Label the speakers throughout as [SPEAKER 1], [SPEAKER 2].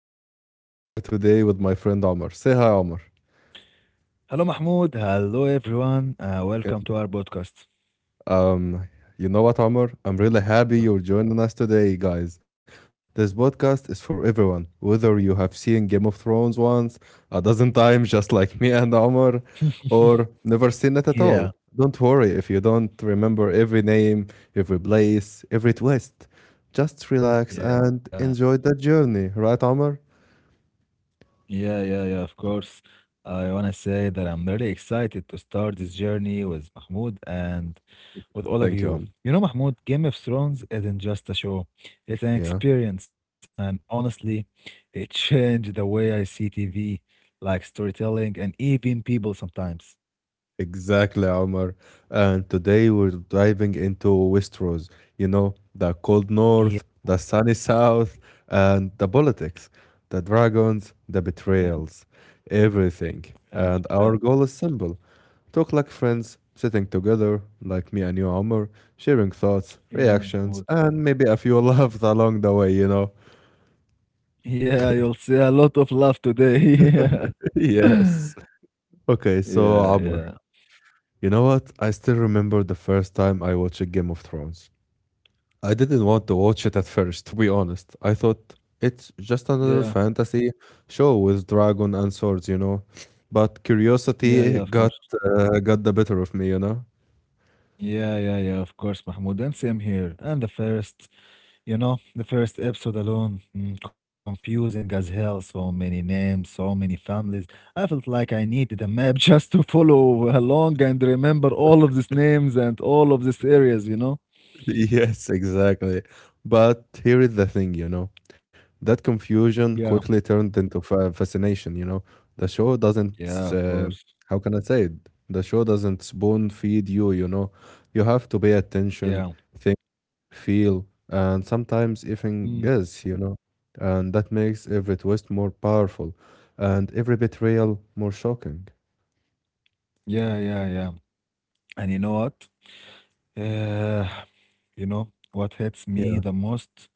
[SPEAKER 1] Mahmoud, and I'm here today with my friend Omar. Say hi, Omar.
[SPEAKER 2] Hello, Mahmoud. Hello, everyone. Welcome to our podcast.
[SPEAKER 1] Um, you know what, Omar? I'm really happy you're joining us today, guys. This podcast is for everyone, whether you have seen Game of Thrones once, a dozen times, just like me and Omar, or never seen it at all.
[SPEAKER 2] Yeah,
[SPEAKER 1] Don't worry if you don't remember every name, every place, every twist. Just relax
[SPEAKER 2] yeah,
[SPEAKER 1] and enjoy the journey, right, Omar?
[SPEAKER 2] yeah, yeah, yeah, of course. I want to say that I'm really excited to start this journey with Mahmoud and with all of
[SPEAKER 1] Thank you,
[SPEAKER 2] you.
[SPEAKER 1] Omar.
[SPEAKER 2] You know, Mahmoud, Game of Thrones isn't just a show, it's an
[SPEAKER 1] Yeah.
[SPEAKER 2] experience. And honestly, it changed the way I see TV, like storytelling and even people sometimes.
[SPEAKER 1] Exactly, Omar. And today we're diving into Westeros, you know, the cold north,
[SPEAKER 2] Yeah,
[SPEAKER 1] the sunny south, and the politics, the dragons, the
[SPEAKER 2] yeah,
[SPEAKER 1] betrayals, everything. And
[SPEAKER 2] yeah,
[SPEAKER 1] our goal
[SPEAKER 2] well,
[SPEAKER 1] is simple, talk like friends, sitting together, like me and you, Omar, sharing thoughts,
[SPEAKER 2] yeah,
[SPEAKER 1] reactions,
[SPEAKER 2] Mahmoud.
[SPEAKER 1] and maybe a few laughs along the way, you know.
[SPEAKER 2] Yeah, you'll see a lot of love today.
[SPEAKER 1] Yes.
[SPEAKER 2] Yeah.
[SPEAKER 1] Okay, so, Omar,
[SPEAKER 2] Yeah, yeah.
[SPEAKER 1] you know what? I still remember the first time I watched Game of Thrones. I didn't want to watch it at first, to be honest. I thought it's just
[SPEAKER 2] Yeah.
[SPEAKER 1] another fantasy show with dragon and swords, you know. But
[SPEAKER 2] Yeah,
[SPEAKER 1] curiosity
[SPEAKER 2] yeah, of course.
[SPEAKER 1] got the better of me, you know.
[SPEAKER 2] Yeah, yeah, yeah, of course, Mahmoud. And same here. And the, the first, episode alone, confusing as hell. So many names, so many families. I felt like I needed a map just to follow along and remember all of these names and all of these areas, you know?
[SPEAKER 1] Yes, exactly. But here is the thing, you know. That
[SPEAKER 2] Yeah.
[SPEAKER 1] confusion quickly turned into fascination, you know. The show
[SPEAKER 2] Yeah, of
[SPEAKER 1] doesn't
[SPEAKER 2] course.
[SPEAKER 1] uh, how can I say it? The show doesn't spoon feed you, you know. You have to pay attention,
[SPEAKER 2] Yeah.
[SPEAKER 1] feel, and sometimes even
[SPEAKER 2] Mm,
[SPEAKER 1] guess, you know. And that makes every twist more powerful and every betrayal more shocking.
[SPEAKER 2] yeah, yeah, yeah. And you know what? Uh, what hits me
[SPEAKER 1] Yeah,
[SPEAKER 2] the most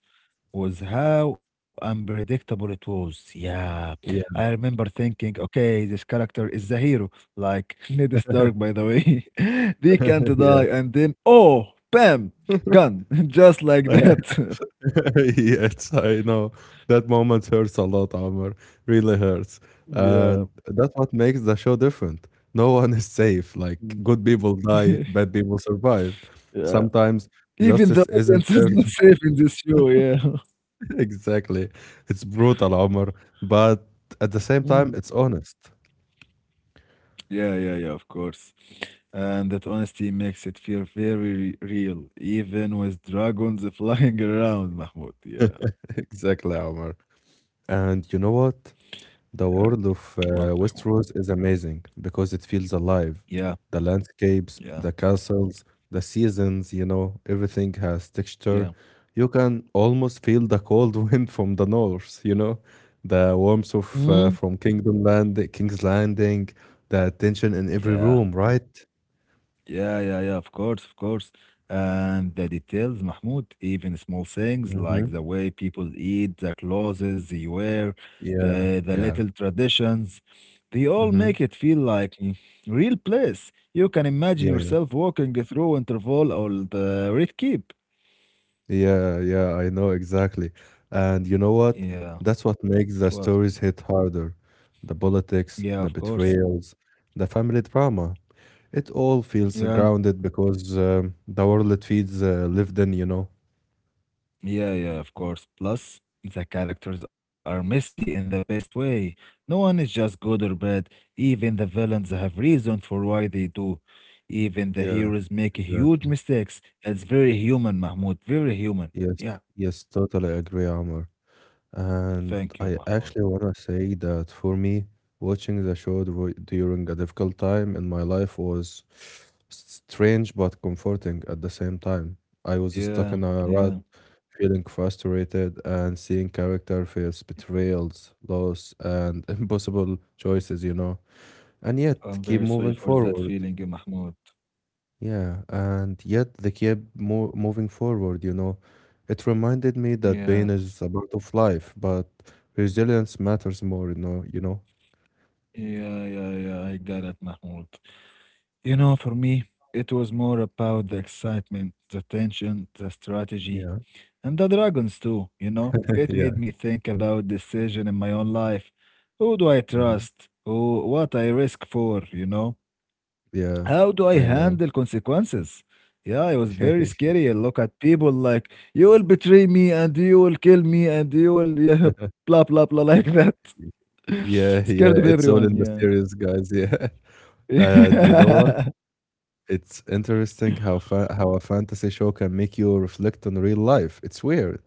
[SPEAKER 2] was how unpredictable it was. Yeah,
[SPEAKER 1] yeah,
[SPEAKER 2] I remember thinking, okay, this character is the hero, like Ned Stark, by the way. They can't
[SPEAKER 1] yeah.
[SPEAKER 2] die, and then, oh, bam, gun, just like that.
[SPEAKER 1] Yes, I know. That moment hurts a lot, Amr. Really hurts.
[SPEAKER 2] Yeah.
[SPEAKER 1] And that's what makes the show different. No one is safe. Like,
[SPEAKER 2] Mm.
[SPEAKER 1] good people die, bad people survive.
[SPEAKER 2] Yeah.
[SPEAKER 1] Sometimes
[SPEAKER 2] Even the
[SPEAKER 1] justice isn't
[SPEAKER 2] audience is
[SPEAKER 1] served.
[SPEAKER 2] not safe in this show, yeah.
[SPEAKER 1] Exactly. It's brutal, Amr. But at the same time, it's honest.
[SPEAKER 2] Yeah, yeah, yeah, of course. And that honesty makes it feel very real, even with dragons flying around, Mahmoud. Yeah,
[SPEAKER 1] Exactly, Omar. And you know what?
[SPEAKER 2] yeah.
[SPEAKER 1] The world of
[SPEAKER 2] What, Mahmoud?
[SPEAKER 1] Westeros is amazing because it feels alive.
[SPEAKER 2] Yeah,
[SPEAKER 1] The landscapes,
[SPEAKER 2] yeah,
[SPEAKER 1] the castles, the seasons, you know, everything has texture.
[SPEAKER 2] yeah.
[SPEAKER 1] You can almost feel the cold wind from the north, you know, the warmth of
[SPEAKER 2] Hmm?
[SPEAKER 1] from King's Landing, the tension in every
[SPEAKER 2] Yeah.
[SPEAKER 1] room, right?
[SPEAKER 2] Yeah, yeah, yeah, of course, of course. And the details, Mahmoud, even small things
[SPEAKER 1] Mm-hmm.
[SPEAKER 2] like the way people eat, the clothes they wear,
[SPEAKER 1] Yeah,
[SPEAKER 2] the
[SPEAKER 1] yeah.
[SPEAKER 2] little traditions, they all
[SPEAKER 1] Mm-hmm.
[SPEAKER 2] make it feel like a real place. You can imagine
[SPEAKER 1] Yeah,
[SPEAKER 2] yourself walking through Interval or the Red Keep.
[SPEAKER 1] yeah, yeah, I know exactly. And you know what?
[SPEAKER 2] Yeah,
[SPEAKER 1] That's what makes the
[SPEAKER 2] what?
[SPEAKER 1] stories hit harder. The politics,
[SPEAKER 2] Yeah,
[SPEAKER 1] the
[SPEAKER 2] of course.
[SPEAKER 1] betrayals, the family drama. It all feels
[SPEAKER 2] Yeah.
[SPEAKER 1] grounded because the world it feeds lived in, you know?
[SPEAKER 2] Yeah, yeah, of course. Plus, the characters are messy in the best way. No one is just good or bad. Even the villains have reason for why they do. Even the
[SPEAKER 1] Yeah,
[SPEAKER 2] heroes make huge
[SPEAKER 1] exactly.
[SPEAKER 2] mistakes. It's very human, Mahmoud. Very human.
[SPEAKER 1] Yes,
[SPEAKER 2] Yeah.
[SPEAKER 1] yes, totally agree, Amr. And
[SPEAKER 2] Thank you,
[SPEAKER 1] I
[SPEAKER 2] Mahmoud.
[SPEAKER 1] actually want to say that for me, watching the show during a difficult time in my life was strange but comforting at the same time. I was stuck
[SPEAKER 2] Yeah,
[SPEAKER 1] in a rut,
[SPEAKER 2] yeah.
[SPEAKER 1] feeling frustrated and seeing character face betrayals, loss, and impossible choices, you know, and yet
[SPEAKER 2] I'm
[SPEAKER 1] keep
[SPEAKER 2] very sorry
[SPEAKER 1] moving
[SPEAKER 2] for that
[SPEAKER 1] forward.
[SPEAKER 2] feeling, Mahmoud.
[SPEAKER 1] Yeah, and yet they kept mo moving forward, you know. It reminded me that pain
[SPEAKER 2] Yeah,
[SPEAKER 1] is a part of life, but resilience matters more, you know, you know?
[SPEAKER 2] yeah, yeah, yeah. I got it, Mahmoud. You know, for me, it was more about the excitement, the tension, the strategy.
[SPEAKER 1] Yeah.
[SPEAKER 2] And the dragons too, you know. It made
[SPEAKER 1] Yeah.
[SPEAKER 2] me think about decision in my own life. Who do I
[SPEAKER 1] hmm
[SPEAKER 2] trust? Who what I risk for, you know?
[SPEAKER 1] Yeah,
[SPEAKER 2] How do I
[SPEAKER 1] I know.
[SPEAKER 2] handle consequences? Yeah, it was very scary. I look at people like you will betray me and you will kill me and you will yeah, blah blah blah like that.
[SPEAKER 1] Yeah,
[SPEAKER 2] Scared of
[SPEAKER 1] yeah, it's
[SPEAKER 2] everyone,
[SPEAKER 1] all in the
[SPEAKER 2] yeah.
[SPEAKER 1] series, guys. Yeah. And you know what?
[SPEAKER 2] yeah,
[SPEAKER 1] It's interesting how fa how a fantasy show can make you reflect on real life. It's weird.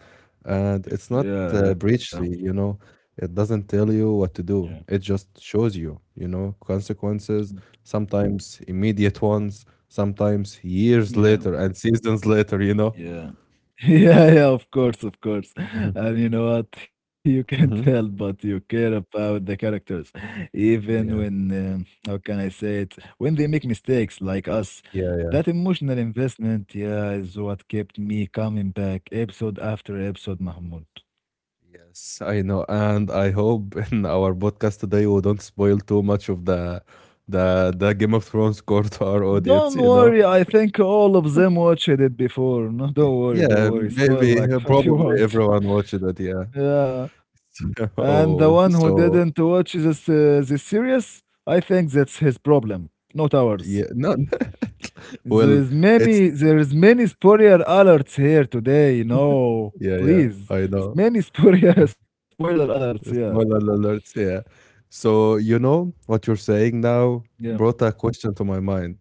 [SPEAKER 1] And it's not
[SPEAKER 2] yeah,
[SPEAKER 1] preachy, you know. It doesn't tell you what to
[SPEAKER 2] yeah.
[SPEAKER 1] do. It just shows you, you know, consequences, sometimes immediate ones, sometimes years
[SPEAKER 2] Yeah.
[SPEAKER 1] later and seasons later, you know.
[SPEAKER 2] Yeah. Yeah, yeah, of course, of course.
[SPEAKER 1] Mhm.
[SPEAKER 2] And you know what? You can't help
[SPEAKER 1] Mhm.
[SPEAKER 2] but you care about the characters, even
[SPEAKER 1] Yeah.
[SPEAKER 2] when, how can I say it? When they make mistakes like us.
[SPEAKER 1] Yeah.
[SPEAKER 2] That emotional investment, yeah, is what kept me coming back episode after episode, Mahmoud.
[SPEAKER 1] Yes, I know. And I hope in our podcast today we don't spoil too much of the the Game of Thrones core to our audience,
[SPEAKER 2] Don't
[SPEAKER 1] you know.
[SPEAKER 2] worry, I think all of them watched it before. No, don't worry,
[SPEAKER 1] Yeah,
[SPEAKER 2] don't worry.
[SPEAKER 1] maybe,
[SPEAKER 2] Spoil like what you
[SPEAKER 1] probably
[SPEAKER 2] want.
[SPEAKER 1] everyone watched it, yeah.
[SPEAKER 2] Yeah. And
[SPEAKER 1] Oh,
[SPEAKER 2] the one who
[SPEAKER 1] so,
[SPEAKER 2] didn't watch this series, I think that's his problem, not
[SPEAKER 1] yeah,
[SPEAKER 2] ours.
[SPEAKER 1] no,
[SPEAKER 2] There
[SPEAKER 1] well,
[SPEAKER 2] is
[SPEAKER 1] it's
[SPEAKER 2] many there is many spoiler alerts here today. You know,
[SPEAKER 1] yeah, yeah,
[SPEAKER 2] please,
[SPEAKER 1] I know.
[SPEAKER 2] many spoiler
[SPEAKER 1] Uh,
[SPEAKER 2] spoiler alerts. Yeah,
[SPEAKER 1] Spoiler alerts, yeah. So, you know, what you're saying now
[SPEAKER 2] yeah,
[SPEAKER 1] brought a question to my mind.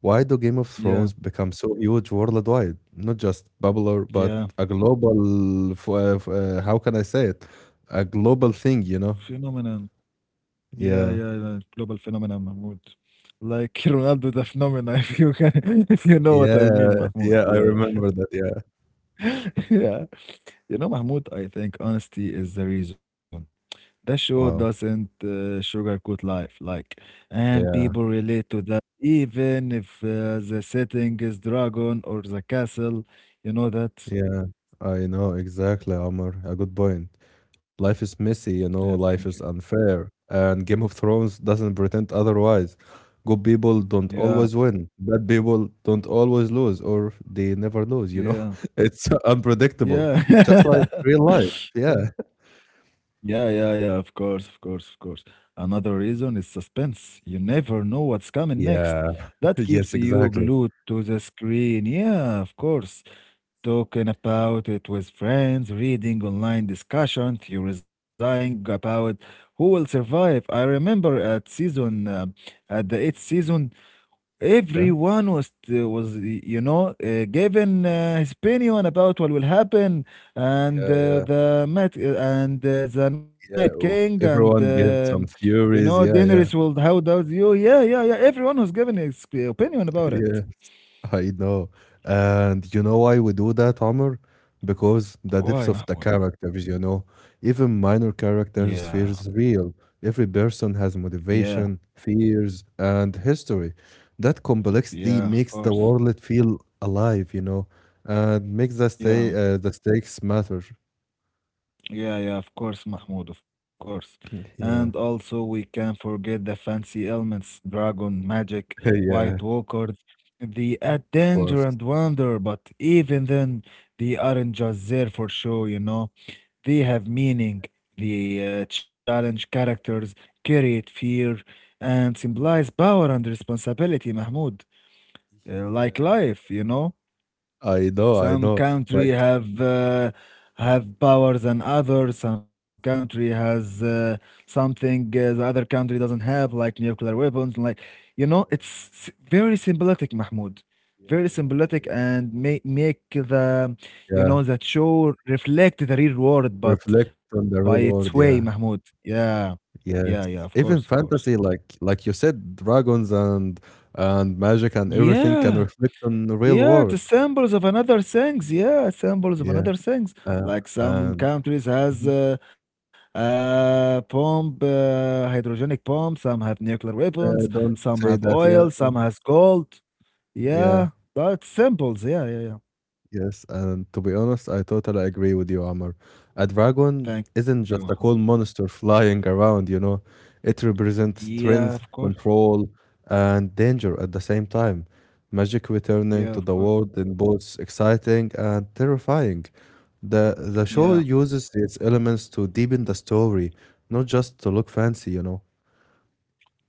[SPEAKER 1] Why do Game of
[SPEAKER 2] yeah,
[SPEAKER 1] Thrones become so huge worldwide? Not just popular, but
[SPEAKER 2] yeah.
[SPEAKER 1] a global f f how can I say it? A global thing, you know?
[SPEAKER 2] Phenomenon. Yeah, yeah,
[SPEAKER 1] Yeah.
[SPEAKER 2] yeah. Global phenomenon, Mahmoud. Like Ronaldo the phenomenon, if you can, if you know what I
[SPEAKER 1] Yeah,
[SPEAKER 2] mean, Mahmoud.
[SPEAKER 1] yeah, I
[SPEAKER 2] Yeah,
[SPEAKER 1] remember that, yeah.
[SPEAKER 2] yeah. You know, Mahmoud, I think honesty is the reason. The show
[SPEAKER 1] Wow,
[SPEAKER 2] doesn't sugarcoat life, like, and
[SPEAKER 1] yeah.
[SPEAKER 2] people relate to that, even if the setting is dragon or the castle. You know that?
[SPEAKER 1] Yeah, I know exactly, Omar. A good point. Life is messy, you
[SPEAKER 2] Yeah,
[SPEAKER 1] know,
[SPEAKER 2] thank
[SPEAKER 1] life
[SPEAKER 2] you.
[SPEAKER 1] is unfair, and Game of Thrones doesn't pretend otherwise. Good people don't
[SPEAKER 2] Yeah,
[SPEAKER 1] always win, bad people don't always lose, or they never lose, you know?
[SPEAKER 2] yeah,
[SPEAKER 1] It's unpredictable,
[SPEAKER 2] yeah.
[SPEAKER 1] just like real life. Yeah.
[SPEAKER 2] Yeah. Yeah, yeah, yeah, of course, of course, of course. Another reason is suspense. You never know what's coming next.
[SPEAKER 1] Yeah.
[SPEAKER 2] That keeps
[SPEAKER 1] Yes,
[SPEAKER 2] you
[SPEAKER 1] exactly.
[SPEAKER 2] glued to the screen. Yeah, of course. Talking about it with friends, reading online discussion, theorizing about who will survive. I remember at season, at the eighth season,
[SPEAKER 1] Okay.
[SPEAKER 2] everyone was you know given his opinion about what will happen, and
[SPEAKER 1] Yeah, yeah,
[SPEAKER 2] the Met and the Night
[SPEAKER 1] yeah.
[SPEAKER 2] King
[SPEAKER 1] Oh,
[SPEAKER 2] and
[SPEAKER 1] everyone gave some
[SPEAKER 2] you know
[SPEAKER 1] theories. Yeah,
[SPEAKER 2] Daenerys
[SPEAKER 1] yeah,
[SPEAKER 2] will how does you? Yeah, yeah, yeah. Everyone was given his opinion about it.
[SPEAKER 1] yeah. I know. And you know why we do that, Amr? Because the depth
[SPEAKER 2] Why,
[SPEAKER 1] of the
[SPEAKER 2] Mahmoud?
[SPEAKER 1] characters, you know, even minor
[SPEAKER 2] Yeah,
[SPEAKER 1] characters feels real. Every person has
[SPEAKER 2] yeah,
[SPEAKER 1] motivation, fears, and history. That complexity
[SPEAKER 2] yeah. Of
[SPEAKER 1] makes the
[SPEAKER 2] course.
[SPEAKER 1] world feel alive, you know, and makes the stay
[SPEAKER 2] Yeah.
[SPEAKER 1] the stakes matter.
[SPEAKER 2] Yeah, yeah, of course, Mahmoud, of course. And
[SPEAKER 1] Yeah,
[SPEAKER 2] also, we can't forget the fancy elements, dragon, magic,
[SPEAKER 1] yeah,
[SPEAKER 2] white walkers, the add
[SPEAKER 1] of
[SPEAKER 2] danger
[SPEAKER 1] course.
[SPEAKER 2] and wonder, but even then, they aren't just there for show, you know. They have
[SPEAKER 1] Mhm.
[SPEAKER 2] meaning. The challenge characters create fear and
[SPEAKER 1] Yeah.
[SPEAKER 2] symbolize power and responsibility, Mahmoud, like
[SPEAKER 1] Yeah. Yeah.
[SPEAKER 2] life, you know.
[SPEAKER 1] I know, I
[SPEAKER 2] Some
[SPEAKER 1] know.
[SPEAKER 2] country
[SPEAKER 1] Like,
[SPEAKER 2] have power than others. Some country has something the other country doesn't have, like nuclear weapons. Like you know, it's
[SPEAKER 1] yeah,
[SPEAKER 2] s- very symbolic, Mahmoud.
[SPEAKER 1] yeah,
[SPEAKER 2] Very
[SPEAKER 1] yeah, I
[SPEAKER 2] symbolic
[SPEAKER 1] get.
[SPEAKER 2] and make the you
[SPEAKER 1] it.
[SPEAKER 2] know that show reflect the real world, but
[SPEAKER 1] Reflect on
[SPEAKER 2] by
[SPEAKER 1] the real
[SPEAKER 2] its way,
[SPEAKER 1] world, yeah.
[SPEAKER 2] Mahmoud. Yeah, yeah, yeah.
[SPEAKER 1] Yes.
[SPEAKER 2] Of course, of
[SPEAKER 1] Even
[SPEAKER 2] course.
[SPEAKER 1] fantasy, like you said, dragons and magic and everything can
[SPEAKER 2] Yeah.
[SPEAKER 1] reflect on the real
[SPEAKER 2] Yeah, the
[SPEAKER 1] world.
[SPEAKER 2] samples of another things. Yeah, samples of
[SPEAKER 1] Yeah.
[SPEAKER 2] another things.
[SPEAKER 1] Uh,
[SPEAKER 2] Like some
[SPEAKER 1] and
[SPEAKER 2] countries has
[SPEAKER 1] Mhm.
[SPEAKER 2] hydrogenic pump. Some have nuclear weapons.
[SPEAKER 1] Don't
[SPEAKER 2] Some have
[SPEAKER 1] say that, yeah.
[SPEAKER 2] oil. Some has gold.
[SPEAKER 1] Yeah.
[SPEAKER 2] Yeah, that's samples. Yeah, yeah, yeah.
[SPEAKER 1] Yes, and to be honest, I totally agree with you, Amr. A dragon
[SPEAKER 2] Thank you.
[SPEAKER 1] isn't
[SPEAKER 2] Mohammed.
[SPEAKER 1] just a cool monster flying around, you know. It represents
[SPEAKER 2] Yeah, of
[SPEAKER 1] strength,
[SPEAKER 2] course.
[SPEAKER 1] control, and danger at the same time. Magic returning
[SPEAKER 2] Yeah,
[SPEAKER 1] to
[SPEAKER 2] of
[SPEAKER 1] the
[SPEAKER 2] course.
[SPEAKER 1] world in both exciting and terrifying. The show
[SPEAKER 2] Yeah.
[SPEAKER 1] uses these elements to deepen the story, not just to look fancy, you know.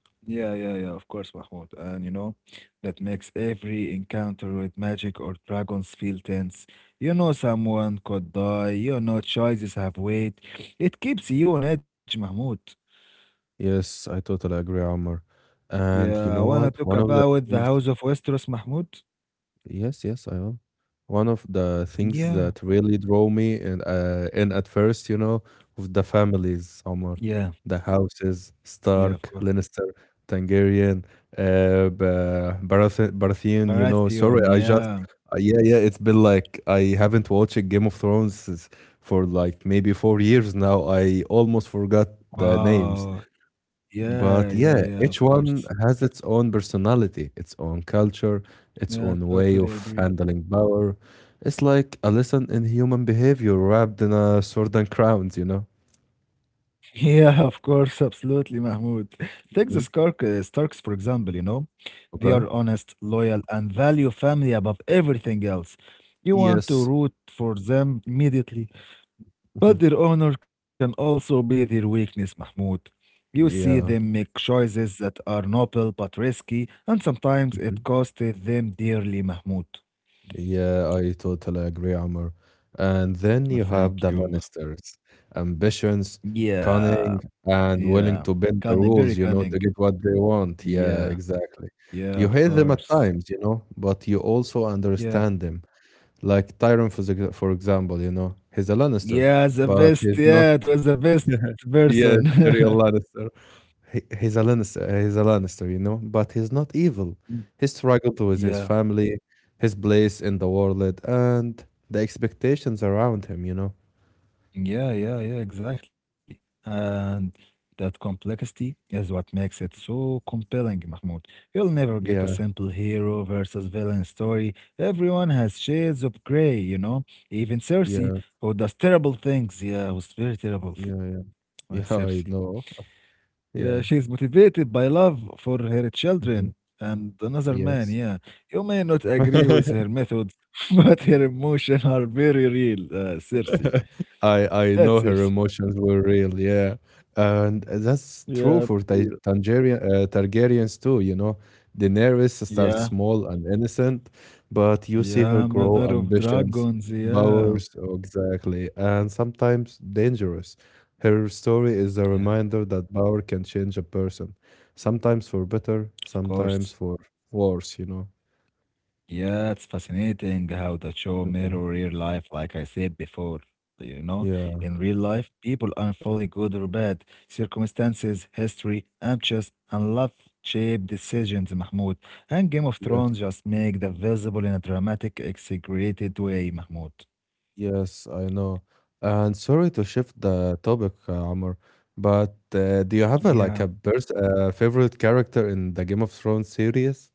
[SPEAKER 2] Yeah, yeah, yeah, of course, Mahmoud. And you know, that makes every encounter with magic or dragons feel tense. You know, someone could die, you know, choices have weight. It keeps you on edge, Mahmoud.
[SPEAKER 1] Yes, I totally agree, Amr. And you
[SPEAKER 2] Yeah, I
[SPEAKER 1] know
[SPEAKER 2] wanna
[SPEAKER 1] what?
[SPEAKER 2] talk
[SPEAKER 1] One of the
[SPEAKER 2] about the
[SPEAKER 1] things
[SPEAKER 2] House of Westeros, Mahmoud.
[SPEAKER 1] Yes, yes, I am. One of the things
[SPEAKER 2] Yeah,
[SPEAKER 1] that really drew me in at first, you know, was the families,
[SPEAKER 2] yeah,
[SPEAKER 1] Omar, the houses,
[SPEAKER 2] yeah, of course.
[SPEAKER 1] Stark, Lannister, Targaryen, Baratheon, you know. Sorry,
[SPEAKER 2] Baratheon,
[SPEAKER 1] I just,
[SPEAKER 2] yeah,
[SPEAKER 1] yeah, yeah, it's been like I haven't watched Game of Thrones for like maybe four years now. I almost forgot the
[SPEAKER 2] wow,
[SPEAKER 1] names.
[SPEAKER 2] yeah, yeah,
[SPEAKER 1] But yeah,
[SPEAKER 2] yeah, of
[SPEAKER 1] each
[SPEAKER 2] course.
[SPEAKER 1] one has its own personality, its own culture, its
[SPEAKER 2] Yeah, I
[SPEAKER 1] own way
[SPEAKER 2] totally
[SPEAKER 1] of
[SPEAKER 2] agree.
[SPEAKER 1] handling power. It's like a lesson in human behavior wrapped in a sword and crowns, you know?
[SPEAKER 2] Yeah, of course, absolutely, Mahmoud. Take the
[SPEAKER 1] Mhm.
[SPEAKER 2] Starks, for example, you know, they are
[SPEAKER 1] Okay.
[SPEAKER 2] honest, loyal, and value family above everything else. You want to
[SPEAKER 1] Yes.
[SPEAKER 2] root for them immediately, but
[SPEAKER 1] Mhm.
[SPEAKER 2] their honor can also be their weakness, Mahmoud. You see them
[SPEAKER 1] Yeah.
[SPEAKER 2] make choices that are noble but risky, and sometimes
[SPEAKER 1] Mm-hmm.
[SPEAKER 2] it costed them dearly, Mahmoud.
[SPEAKER 1] Yeah, I totally agree, Amr. And then you
[SPEAKER 2] Thank
[SPEAKER 1] have the
[SPEAKER 2] you. Mah-
[SPEAKER 1] Lannisters, ambitions,
[SPEAKER 2] Yeah,
[SPEAKER 1] cunning, and
[SPEAKER 2] yeah.
[SPEAKER 1] willing to bend
[SPEAKER 2] Cunning,
[SPEAKER 1] the
[SPEAKER 2] very
[SPEAKER 1] rules, you
[SPEAKER 2] cunning.
[SPEAKER 1] know, to get what they want. Yeah,
[SPEAKER 2] Yeah,
[SPEAKER 1] exactly.
[SPEAKER 2] yeah,
[SPEAKER 1] You
[SPEAKER 2] of
[SPEAKER 1] hate them at
[SPEAKER 2] course.
[SPEAKER 1] times, you know, but you also
[SPEAKER 2] Yeah.
[SPEAKER 1] understand them. Like Tyrion, for for example, you know, he's a Lannister,
[SPEAKER 2] Yeah, the
[SPEAKER 1] but
[SPEAKER 2] best.
[SPEAKER 1] he's not.
[SPEAKER 2] Yeah, it was the best
[SPEAKER 1] Yeah, yeah,
[SPEAKER 2] person.
[SPEAKER 1] serial Lannister he's a Lannister, you know, but he's not evil.
[SPEAKER 2] Mm.
[SPEAKER 1] He struggled with his
[SPEAKER 2] Yeah.
[SPEAKER 1] family, his place in the world, and the expectations around him, you know.
[SPEAKER 2] Yeah, yeah, yeah, exactly. And that complexity is what makes it so compelling, Mahmoud. You'll never get a
[SPEAKER 1] Yeah,
[SPEAKER 2] simple hero versus villain story. Everyone has shades of gray, you know? Even Cersei,
[SPEAKER 1] yeah,
[SPEAKER 2] who does terrible things. Yeah, who's very terrible.
[SPEAKER 1] yeah, yeah. Yeah,
[SPEAKER 2] Cersei.
[SPEAKER 1] I know.
[SPEAKER 2] Yeah, she is
[SPEAKER 1] Yeah.
[SPEAKER 2] motivated by love for her children
[SPEAKER 1] hmm
[SPEAKER 2] and another man.
[SPEAKER 1] Yes.
[SPEAKER 2] Yeah, you may not agree with her methods, but her emotions are very real. Cersei,
[SPEAKER 1] I I
[SPEAKER 2] that's
[SPEAKER 1] know her
[SPEAKER 2] Cersei.
[SPEAKER 1] emotions were real, yeah, and that's
[SPEAKER 2] Yeah,
[SPEAKER 1] true for
[SPEAKER 2] real.
[SPEAKER 1] Ta Tangerian Targaryens too. You know, Daenerys starts
[SPEAKER 2] Yeah,
[SPEAKER 1] small and innocent, but you see her
[SPEAKER 2] yeah,
[SPEAKER 1] grow
[SPEAKER 2] mother of
[SPEAKER 1] ambitions,
[SPEAKER 2] dragons. Yeah,
[SPEAKER 1] powers, oh, exactly, and sometimes dangerous. Her story
[SPEAKER 2] yeah,
[SPEAKER 1] is a reminder that power can change a person, sometimes for
[SPEAKER 2] of
[SPEAKER 1] better,
[SPEAKER 2] course.
[SPEAKER 1] sometimes for worse. You know.
[SPEAKER 2] Yeah, it's fascinating how the show mirror
[SPEAKER 1] Mhm.
[SPEAKER 2] real life, like I said before. You know,
[SPEAKER 1] Yeah.
[SPEAKER 2] in real life, people aren't fully good or bad. Circumstances, history, ambitions, and love shape decisions, Mahmoud. And Game of
[SPEAKER 1] Yeah.
[SPEAKER 2] Thrones just make the visible in a dramatic, exaggerated way, Mahmoud.
[SPEAKER 1] Yes, I know. And sorry to shift the topic, Amr, but do you
[SPEAKER 2] Yeah.
[SPEAKER 1] have a, like a favorite character in the Game of Thrones series?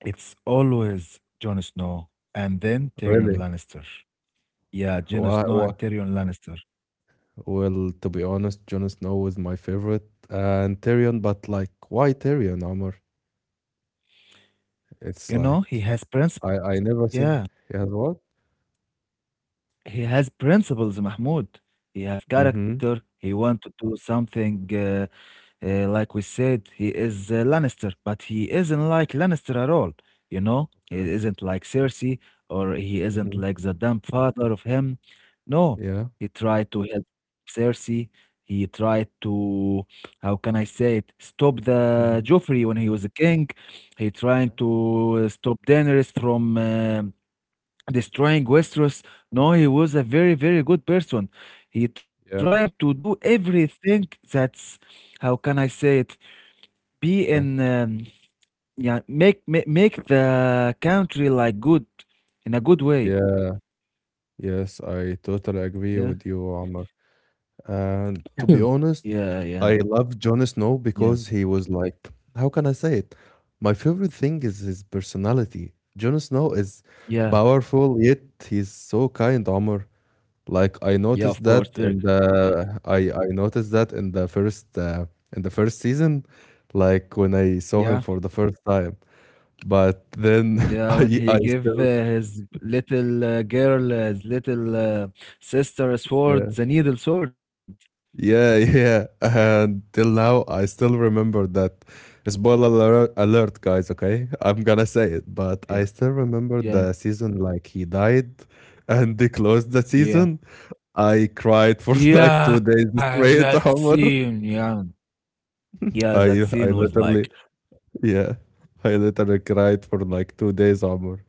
[SPEAKER 2] It's always Jon Snow and then Tyrion
[SPEAKER 1] Really?
[SPEAKER 2] Lannister. Yeah, Jon
[SPEAKER 1] Why,
[SPEAKER 2] Snow
[SPEAKER 1] why?
[SPEAKER 2] and Tyrion Lannister.
[SPEAKER 1] Well, to be honest, Jon Snow was my favorite, and Tyrion. But like, why Tyrion, Amr? It's
[SPEAKER 2] You know, he
[SPEAKER 1] like
[SPEAKER 2] has principle.
[SPEAKER 1] I never seen.
[SPEAKER 2] Yeah.
[SPEAKER 1] He has what?
[SPEAKER 2] He has principles, Mahmoud. He have
[SPEAKER 1] Mm-hmm.
[SPEAKER 2] character. He want to do something, like we said, he is Lannister, but he isn't like Lannister at all. You know, he
[SPEAKER 1] Okay.
[SPEAKER 2] isn't like Cersei, or he isn't
[SPEAKER 1] Mm-hmm.
[SPEAKER 2] like the dumb father of him. No,
[SPEAKER 1] Yeah.
[SPEAKER 2] he tried to help Cersei. He tried to, how can I say it, stop the
[SPEAKER 1] Mm-hmm.
[SPEAKER 2] Joffrey when he was a king. He trying
[SPEAKER 1] Yeah.
[SPEAKER 2] to stop Daenerys from
[SPEAKER 1] Mm-hmm.
[SPEAKER 2] destroying Westeros. No, he was a very, very good person. He tried
[SPEAKER 1] Yeah.
[SPEAKER 2] to do everything that's, how can I say it, be in,
[SPEAKER 1] Okay.
[SPEAKER 2] um, yeah, make the country like good in a good way.
[SPEAKER 1] Yeah, yes, I totally agree
[SPEAKER 2] Yeah,
[SPEAKER 1] with you, Omar. And
[SPEAKER 2] yeah,
[SPEAKER 1] to be
[SPEAKER 2] yeah,
[SPEAKER 1] honest,
[SPEAKER 2] yeah,
[SPEAKER 1] I love Jon Snow
[SPEAKER 2] yeah,
[SPEAKER 1] because he was like, how can I say it? My favorite thing is his personality. Jon Snow is
[SPEAKER 2] yeah,
[SPEAKER 1] powerful, yet he's so kind, Omar. Like I
[SPEAKER 2] yeah.
[SPEAKER 1] noticed
[SPEAKER 2] Of course,
[SPEAKER 1] that
[SPEAKER 2] very
[SPEAKER 1] in
[SPEAKER 2] kind.
[SPEAKER 1] the I noticed that in the first season, like when I saw
[SPEAKER 2] Yeah,
[SPEAKER 1] him for the first time. But then
[SPEAKER 2] yeah. When
[SPEAKER 1] I
[SPEAKER 2] he
[SPEAKER 1] I
[SPEAKER 2] give
[SPEAKER 1] still
[SPEAKER 2] his little sister a sword,
[SPEAKER 1] yeah.
[SPEAKER 2] the needle sword.
[SPEAKER 1] Yeah, yeah. And till now, I still remember that. Spoiler alert, alert, guys, okay? I'm gonna say it, but
[SPEAKER 2] Yeah,
[SPEAKER 1] I still remember
[SPEAKER 2] yeah,
[SPEAKER 1] the season like he died and they closed the
[SPEAKER 2] yeah.
[SPEAKER 1] season. I cried for like two days
[SPEAKER 2] Yeah, that
[SPEAKER 1] straight, Omar.
[SPEAKER 2] scene. Yeah, yeah, that
[SPEAKER 1] I,
[SPEAKER 2] scene
[SPEAKER 1] I
[SPEAKER 2] was like,
[SPEAKER 1] literally, yeah, I literally cried for like two days, Omar.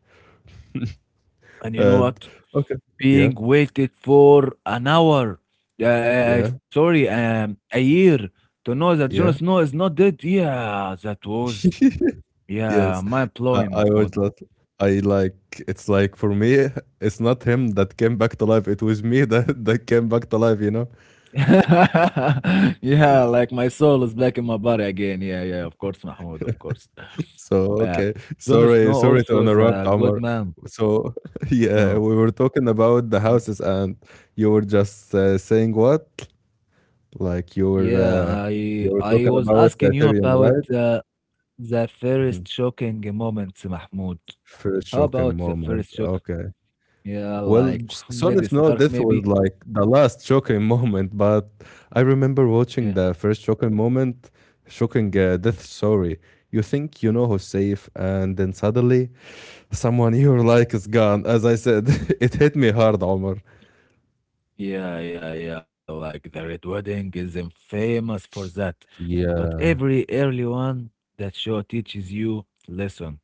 [SPEAKER 2] and you know
[SPEAKER 1] And
[SPEAKER 2] what?
[SPEAKER 1] okay, yeah,
[SPEAKER 2] Being waited for an hour, uh, uh, uh,
[SPEAKER 1] yeah,
[SPEAKER 2] sorry, um, a year to know that Jon
[SPEAKER 1] yeah.
[SPEAKER 2] Snow is not dead. Yeah, that was, yeah,
[SPEAKER 1] Yes,
[SPEAKER 2] mind blowing,
[SPEAKER 1] I was
[SPEAKER 2] Mahmoud.
[SPEAKER 1] not. I like it's like for me, it's not him that came back to life. It was me that that came back to life. You know.
[SPEAKER 2] Yeah, like my soul is back in my body again. Yeah, yeah, of course, Mahmoud, of course.
[SPEAKER 1] So
[SPEAKER 2] Uh,
[SPEAKER 1] okay,
[SPEAKER 2] Jon
[SPEAKER 1] sorry,
[SPEAKER 2] Snow
[SPEAKER 1] sorry to
[SPEAKER 2] also is
[SPEAKER 1] interrupt,
[SPEAKER 2] a good
[SPEAKER 1] Omar.
[SPEAKER 2] man.
[SPEAKER 1] So yeah,
[SPEAKER 2] No.
[SPEAKER 1] we were talking about the houses, and you were just saying what? Like
[SPEAKER 2] Yeah,
[SPEAKER 1] you were
[SPEAKER 2] I was
[SPEAKER 1] talking
[SPEAKER 2] asking
[SPEAKER 1] about the
[SPEAKER 2] you
[SPEAKER 1] Tyrion,
[SPEAKER 2] about
[SPEAKER 1] right?
[SPEAKER 2] the
[SPEAKER 1] Mhm.
[SPEAKER 2] first shocking moments, Mahmoud.
[SPEAKER 1] First
[SPEAKER 2] How
[SPEAKER 1] shocking
[SPEAKER 2] about the
[SPEAKER 1] moment.
[SPEAKER 2] first shock?
[SPEAKER 1] Okay.
[SPEAKER 2] Yeah,
[SPEAKER 1] Well,
[SPEAKER 2] like
[SPEAKER 1] Jon
[SPEAKER 2] Ned
[SPEAKER 1] Snow
[SPEAKER 2] Stark,
[SPEAKER 1] death was
[SPEAKER 2] maybe.
[SPEAKER 1] like the last shocking moment, but I remember
[SPEAKER 2] Yeah,
[SPEAKER 1] watching the first shocking moment, shocking death story. You think you know who's safe, and then suddenly someone you like is gone. As I said, it hit me hard, Omar.
[SPEAKER 2] yeah, yeah, yeah. Like the Red Wedding is famous for that. But
[SPEAKER 1] Yeah.
[SPEAKER 2] every early one, that show teaches you lesson.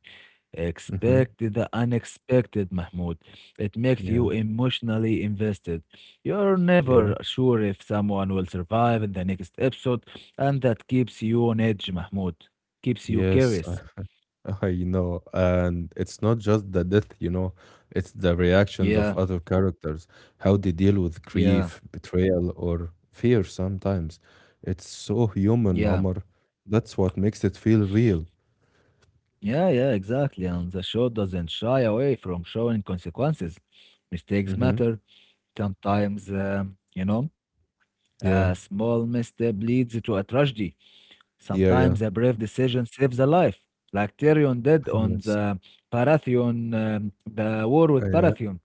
[SPEAKER 1] hmm
[SPEAKER 2] Expect the unexpected, Mahmoud. It makes
[SPEAKER 1] Yeah.
[SPEAKER 2] you emotionally invested. You're
[SPEAKER 1] Yeah.
[SPEAKER 2] never sure if someone will survive in the next episode, and that keeps you on edge, Mahmoud. Keeps you
[SPEAKER 1] Yes,
[SPEAKER 2] curious.
[SPEAKER 1] I know, and it's not just the death, it's the reactions of
[SPEAKER 2] Yeah,
[SPEAKER 1] other characters, how they deal with
[SPEAKER 2] yeah,
[SPEAKER 1] grief, betrayal, or fear sometimes. It's so
[SPEAKER 2] yeah.
[SPEAKER 1] human, Omar. That's what makes it feel real.
[SPEAKER 2] Yeah, yeah, exactly. And the show doesn't shy away from showing consequences. Mistakes
[SPEAKER 1] Mm-hmm.
[SPEAKER 2] matter. Sometimes, you know, a
[SPEAKER 1] Yeah,
[SPEAKER 2] small misstep leads to a tragedy.
[SPEAKER 1] yeah,
[SPEAKER 2] Sometimes a
[SPEAKER 1] yeah.
[SPEAKER 2] brave decision saves a life, like Tyrion did on
[SPEAKER 1] Yes.
[SPEAKER 2] the Parathion, the war with
[SPEAKER 1] Yeah,
[SPEAKER 2] Parathion,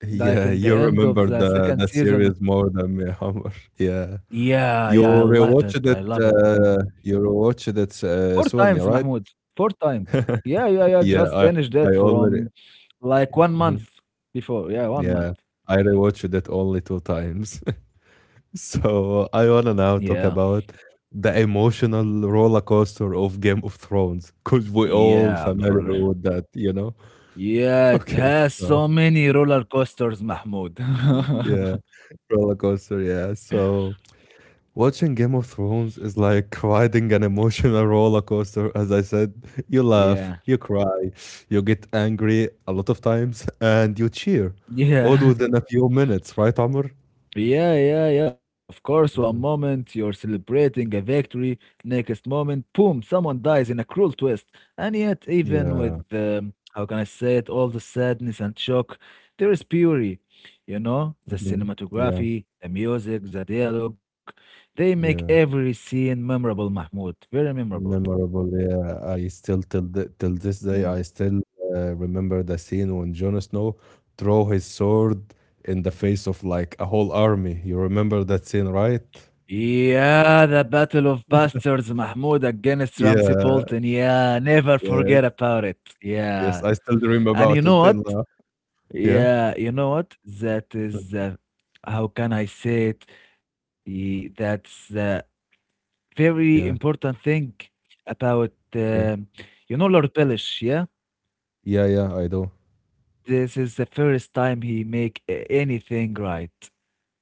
[SPEAKER 2] like
[SPEAKER 1] yeah,
[SPEAKER 2] in the
[SPEAKER 1] you
[SPEAKER 2] end of
[SPEAKER 1] remember
[SPEAKER 2] the
[SPEAKER 1] the
[SPEAKER 2] second
[SPEAKER 1] that
[SPEAKER 2] season.
[SPEAKER 1] series more than me, Omar. Yeah.
[SPEAKER 2] Yeah, yeah, I love it. I love it, Mahmoud.
[SPEAKER 1] You rewatched it
[SPEAKER 2] Four
[SPEAKER 1] soon,
[SPEAKER 2] times,
[SPEAKER 1] yeah, right?
[SPEAKER 2] Mahmoud. Four times. Yeah, yeah, yeah.
[SPEAKER 1] Yeah,
[SPEAKER 2] Just
[SPEAKER 1] I
[SPEAKER 2] finished
[SPEAKER 1] I
[SPEAKER 2] it
[SPEAKER 1] already.
[SPEAKER 2] from like one month
[SPEAKER 1] Mhm.
[SPEAKER 2] before. Yeah, one month.
[SPEAKER 1] Yeah, I rewatched it only 2 times. So I wanna now
[SPEAKER 2] Yeah.
[SPEAKER 1] talk about the emotional roller coaster of Game of Thrones, because 'cause we're all
[SPEAKER 2] Yeah, the roller.
[SPEAKER 1] familiar with that, you know?
[SPEAKER 2] Yeah, it
[SPEAKER 1] Okay,
[SPEAKER 2] has
[SPEAKER 1] so
[SPEAKER 2] so many roller coasters, Mahmoud.
[SPEAKER 1] yeah, roller coaster, yeah. So watching Game of Thrones is like riding an emotional roller coaster, as I said. You laugh,
[SPEAKER 2] Yeah.
[SPEAKER 1] you cry, you get angry a lot of times, and you cheer all
[SPEAKER 2] Yeah.
[SPEAKER 1] within a few minutes, right, Amr?
[SPEAKER 2] Yeah, yeah, yeah. Of course, one
[SPEAKER 1] Mhm.
[SPEAKER 2] moment you're celebrating a victory, next moment, boom, someone dies in a cruel twist. And yet, even
[SPEAKER 1] Yeah.
[SPEAKER 2] with how can I say it, all the sadness and shock, there is beauty. You know, the
[SPEAKER 1] Mhm. Yeah,
[SPEAKER 2] cinematography, the music, the dialogue, they make
[SPEAKER 1] yeah.
[SPEAKER 2] every scene memorable, Mahmoud. Very memorable.
[SPEAKER 1] Memorable. Yeah, I still till this day I
[SPEAKER 2] Mm.
[SPEAKER 1] still remember the scene when Jon Snow throw his sword in the face of like a whole army. You remember that scene, right?
[SPEAKER 2] Yeah, the Battle of Bastards, Mahmoud, against Ramsey Bolton.
[SPEAKER 1] Yeah,
[SPEAKER 2] Yeah, never forget
[SPEAKER 1] yes,
[SPEAKER 2] about it.
[SPEAKER 1] yes.
[SPEAKER 2] Yeah.
[SPEAKER 1] I still dream
[SPEAKER 2] And you
[SPEAKER 1] about it
[SPEAKER 2] know
[SPEAKER 1] till
[SPEAKER 2] what?
[SPEAKER 1] now. Yeah,
[SPEAKER 2] Yeah, you know what? How can I say it? That's the very
[SPEAKER 1] yeah,
[SPEAKER 2] important thing about,
[SPEAKER 1] yeah,
[SPEAKER 2] you know, Lord Polish, yeah?
[SPEAKER 1] yeah, yeah. I do.
[SPEAKER 2] This is the first time he make anything right.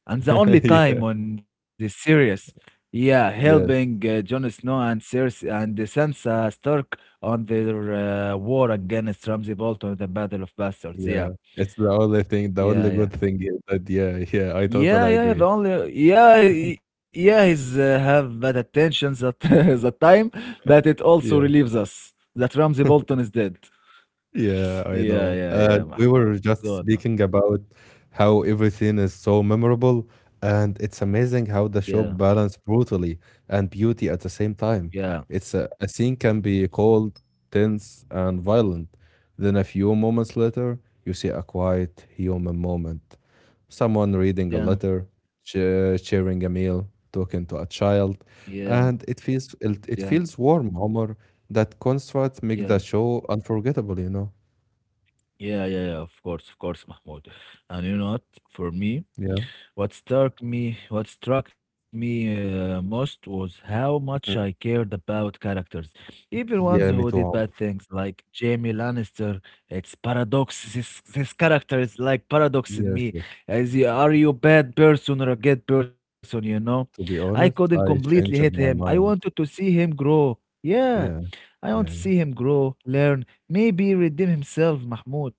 [SPEAKER 2] And the only
[SPEAKER 1] Yeah,
[SPEAKER 2] time on the series, yeah, helping
[SPEAKER 1] yes,
[SPEAKER 2] Jon Snow and Cersei and Sansa Stark on their war against Ramsay Bolton at the Battle of Bastards. Yeah,
[SPEAKER 1] yeah. It's the only thing, the
[SPEAKER 2] yeah,
[SPEAKER 1] only
[SPEAKER 2] yeah.
[SPEAKER 1] good thing is that yeah, yeah. I
[SPEAKER 2] Yeah,
[SPEAKER 1] totally
[SPEAKER 2] yeah, yeah. The
[SPEAKER 1] agree.
[SPEAKER 2] only yeah, yeah, he's have bad attention at that time, but it also
[SPEAKER 1] Yeah.
[SPEAKER 2] relieves us that Ramsey Bolton is dead.
[SPEAKER 1] Yeah, I
[SPEAKER 2] Yeah,
[SPEAKER 1] know.
[SPEAKER 2] yeah, yeah,
[SPEAKER 1] And we
[SPEAKER 2] Mahmoud.
[SPEAKER 1] were just
[SPEAKER 2] Good man.
[SPEAKER 1] speaking about how everything is so memorable, and it's amazing how
[SPEAKER 2] Yeah,
[SPEAKER 1] the show balanced brutally and beauty at the same time.
[SPEAKER 2] yeah,
[SPEAKER 1] It's a scene can be cold, tense, and violent. Then a few moments later, you see a quiet human moment. Someone reading a
[SPEAKER 2] yeah,
[SPEAKER 1] letter, sharing a meal, talking to a child,
[SPEAKER 2] yeah,
[SPEAKER 1] and it feels it,
[SPEAKER 2] yeah,
[SPEAKER 1] it feels warm, Omar. That contrast makes
[SPEAKER 2] yeah,
[SPEAKER 1] the show unforgettable.
[SPEAKER 2] yeah, yeah, yeah. Of course, Mahmoud. And you know what? For me,
[SPEAKER 1] Yeah.
[SPEAKER 2] What struck me most was how much I
[SPEAKER 1] Mhm.
[SPEAKER 2] cared about characters, even ones
[SPEAKER 1] Yeah,
[SPEAKER 2] who
[SPEAKER 1] me
[SPEAKER 2] did
[SPEAKER 1] too,
[SPEAKER 2] bad
[SPEAKER 1] Amr.
[SPEAKER 2] things, like Jamie Lannister. It's paradox. This character is like paradox in
[SPEAKER 1] Yes,
[SPEAKER 2] me.
[SPEAKER 1] yes.
[SPEAKER 2] As you, are you a bad person or a good person? You know,
[SPEAKER 1] To
[SPEAKER 2] I
[SPEAKER 1] be
[SPEAKER 2] couldn't
[SPEAKER 1] honest, I
[SPEAKER 2] completely hate him.
[SPEAKER 1] changed
[SPEAKER 2] I
[SPEAKER 1] my
[SPEAKER 2] wanted
[SPEAKER 1] mind.
[SPEAKER 2] to see him grow. Yeah,
[SPEAKER 1] Yeah,
[SPEAKER 2] I want to
[SPEAKER 1] yeah, yeah.
[SPEAKER 2] see him grow, learn, maybe redeem himself, Mahmoud.